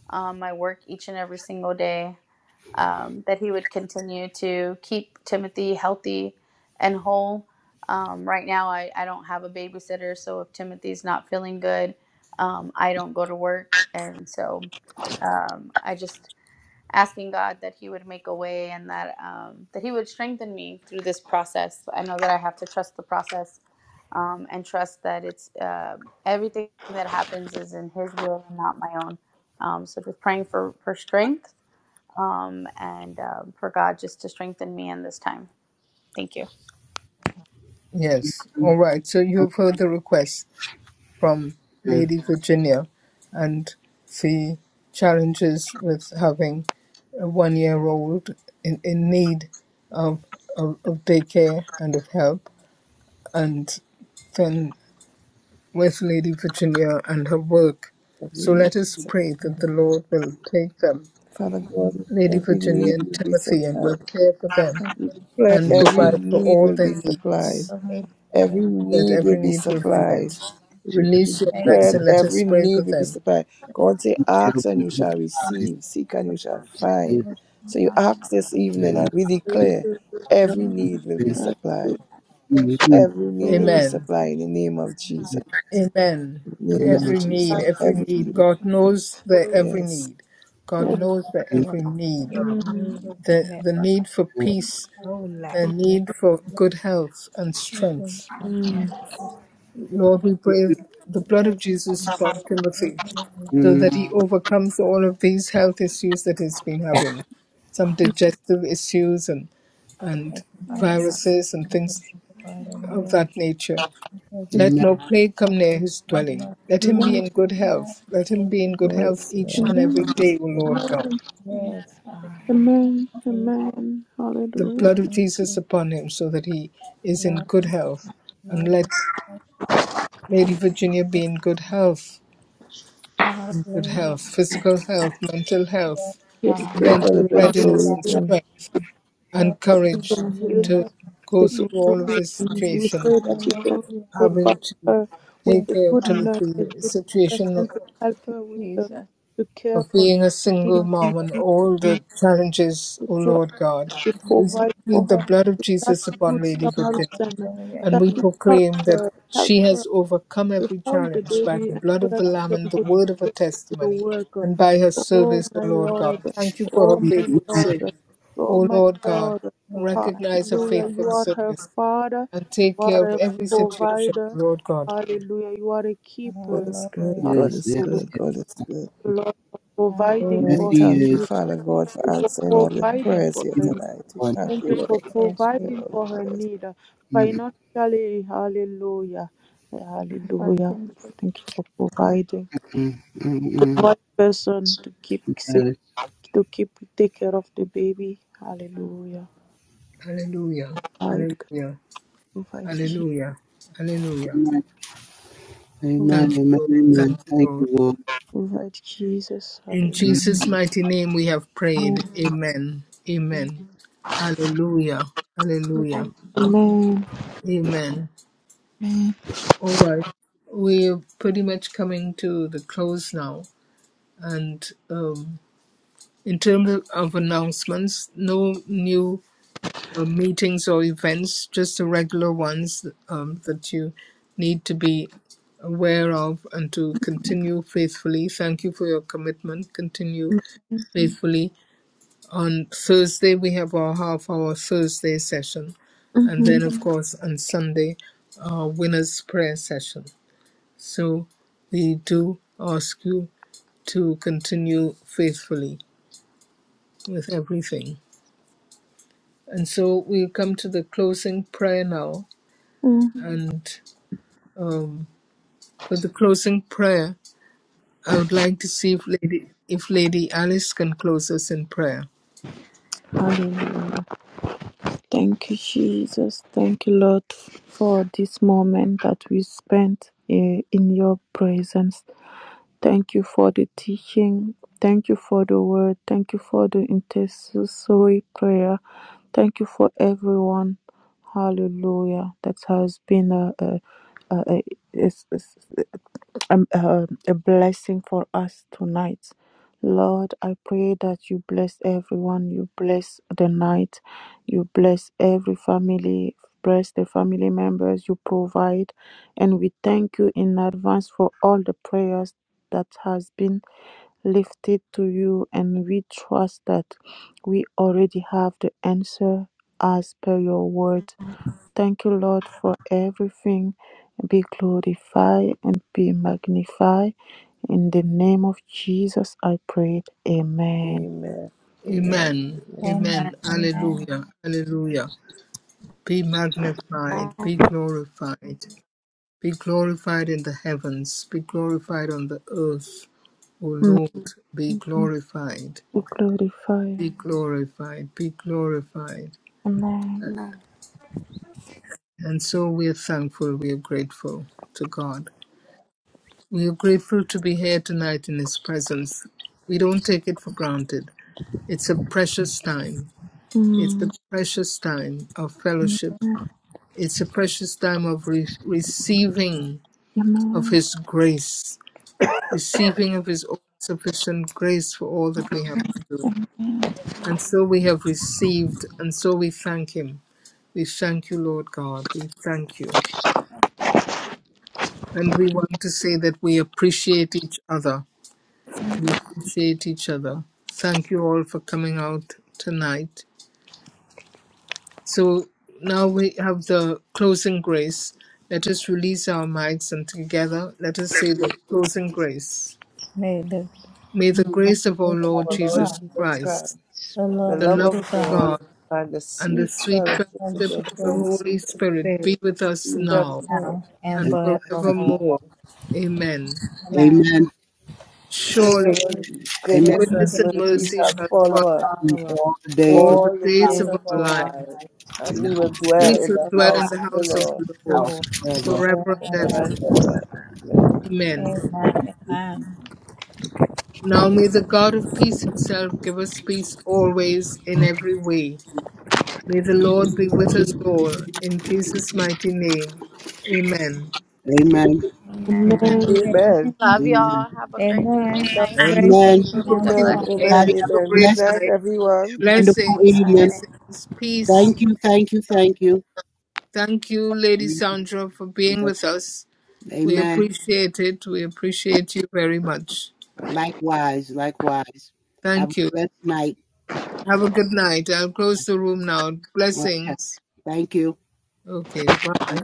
um, my work each and every single day. Um, that He would continue to keep Timothy healthy and whole. Um, right now, I, I don't have a babysitter, so if Timothy's not feeling good, um, I don't go to work, and so um, I just asking God that He would make a way and that um, that He would strengthen me through this process. I know that I have to trust the process um, and trust that it's uh, everything that happens is in His will and not my own. Um, so just praying for for strength um, and um, for God just to strengthen me in this time. Thank you. Yes. Amen. All right. So you have heard the request. from Lady Virginia, and the challenges with having a one-year-old in, in need of, of of daycare and of help, and then with Lady Virginia and her work. So let us pray that the Lord will take them, Father God, Lady every Virginia need and will be Timothy, and supplied. will care for them Pla- and Amen. Every provide for need all will be their supplied. needs, Every that need will every be need will be supplied. met. We Release your mics Jesus, declare and let us every pray for need will be them. supplied. God say, he shall ask and be you shall supplied, receive. Seek and you shall find. saved, So you ask this evening and and we not declare shall every be need will be open. supplied. Mhm. Every need will be Hallelujah. Amen. supplied in the name of Jesus. Amen. In the name Amen. of Every need, Jesus. every Every need. need. God knows the every Yes. need. God knows the every need. Amen. The the need for Amen. peace, the need for good health and strength. Lord, we pray the blood of Jesus upon Timothy so that he overcomes all of these health issues that he's been having. Some digestive issues and and viruses and things of that nature. Let Amen. Amen. no plague come near his dwelling. Let him be Amen. in good Yes. health. Let him be in good All health is each well. and Amen. every All is day, O well. Lord God. Thank you, Father Amen. Amen. The Hallelujah. blood of Jesus upon him, so that he is in good health. And let Lady Virginia be in good health, in good health, physical health, mental health, Yes, We pray for mental little God, we readiness Zoe and too. strength and courage heal Mm. to her go today. through all of this And we situation, pray that you can provide having to her with take a care of good nurse, Timothy, a the good situation person to help her with the, to care of for being a the need, single mom and all the challenges, to O try Lord God. to We provide for plead her. the blood of Jesus That's good upon Lady Virginia Samaritan and that we he proclaim helped, that uh, help she her has overcome to every hold the challenge by baby the and blood so of that the Lamb and the she can go to word of her church to the testimony work. and by her Oh service, O my Lord God. Lord, Thank you for her oh my faithful service. Lord, oh O my Lord God, Lord. recognize her Hallelujah, you faithful are her service father, and you take care of are a every situation, provider. Lord God. Hallelujah, you are a God keeper. is good. God Yes, is Hallelujah, yes, good. yes. God is good. Lord, for providing Oh, Yes, we for her he thank you, is. needs, Father Yes, God, he for is. for answering all the providing prayers for here her You tonight. We Lord, thank Thank you, you you for Lord, for answering providing all for the her prayers. need uh, mm financially. Hallelujah. God. for Hallelujah. Thank you for providing mm the mm. right person to keep sick, mm. to keep take care of the baby. Hallelujah. Hallelujah. Provide, God, Hallelujah. provide, Jesus. Hallelujah. Hallelujah. Yes. Amen. Thank you, Amen. Lord. Amen. Thank you, Thank you, Lord. Lord. Provide Jesus. In Bless Hallelujah. Jesus' mighty name we have prayed. Amen. Amen. Hallelujah. Hallelujah. tonight, Amen. Amen. Amen. All right. We're pretty much coming to the close now. And um, in terms of announcements, no new uh, meetings or events, just the regular ones um, that you need to be aware of and to continue faithfully. Thank you for your commitment. Continue faithfully. On Thursday, we have our half hour Thursday session. And then, Mm-hmm. of course, on Sunday, our winner's prayer session. So we do ask you to continue faithfully with everything. And so we come to the closing prayer now and um, for the closing prayer, I would like to see if Lady if Lady Alice can close us in prayer. Hallelujah. Thank you, Jesus. Thank you, Lord, for this moment that we spent eh, in your presence. Thank you for the teaching. Thank you for the word. Thank you for the intercessory prayer. Thank you for everyone. Hallelujah. That has been a, a, a, a, a, a a, a, a blessing for us tonight. Lord, I pray that you bless everyone. You bless the night. You bless every family. Bless the family members you provide. And we thank you in advance for all the prayers that has been lifted to you. And we trust that we already have the answer as per your word. Thank you, Lord, for everything. Be glorified and be magnified. In the name of Jesus, I pray. Amen. Amen. Amen. Amen. Amen. Amen. Alleluia. Alleluia. Be magnified. Be glorified. Be glorified in the heavens. Be glorified on the earth. O Amen. Lord, be glorified. Be glorified. Be glorified. Be glorified. Amen. tonight, And so we are thankful. We are grateful to God. We are grateful to be here tonight in His presence. We don't take it for granted. It's a precious time. It's a Mm. precious time of fellowship. It's a precious time of re- receiving of Amen. His grace, receiving of His all sufficient grace for all that we have to do. And so we have received, and so we thank Him. We thank you, Lord God. We thank you. And we want to say that we appreciate each other. We appreciate each other. Thank you all for coming out tonight. So now we have the closing grace. Let us release our mics and together let us say the closing grace. May the grace of our Of Lord our you Lord Jesus Jesus Christ, Christ, the the love love of of God, God, and the and the sweet sweet fellowship of fellowship the of the Holy Spirit Holy Spirit be with be us with us now now. and And forevermore. forevermore. Amen. Amen. Surely So Amen. goodness and goodness and mercy mercy shall shall follow follow us It's all the days all of the the all the days days of of our our life lives, and and I we will will dwell dwell We in shall the in dwell the in house the of the house of Lord the Lord house forever. forever and ever ever. and ever. Amen. Amen. Now may the God of peace himself give us peace always in every way. May the Lord be with us all. In Jesus' mighty name. Amen. Amen. Amen. loving Amen. Amen. God. Amen. Love y'all. Have a great day. Night. Amen. Have a God great bless Amen. you. night. Amen. Everybody have a Have a Amen. great Good blessed night, night. everyone. and wonderful Blessings, evening. blessings, peace. Thank you. Thank you. Thank you. Thank you, Lady Sandra, for being with us. We Amen. appreciate it. We appreciate you very much. Likewise. Likewise. Have a Thank you. blessed night. Have a good night. I'll close the room now. Okay. Blessings. Thank you. Okay, bye.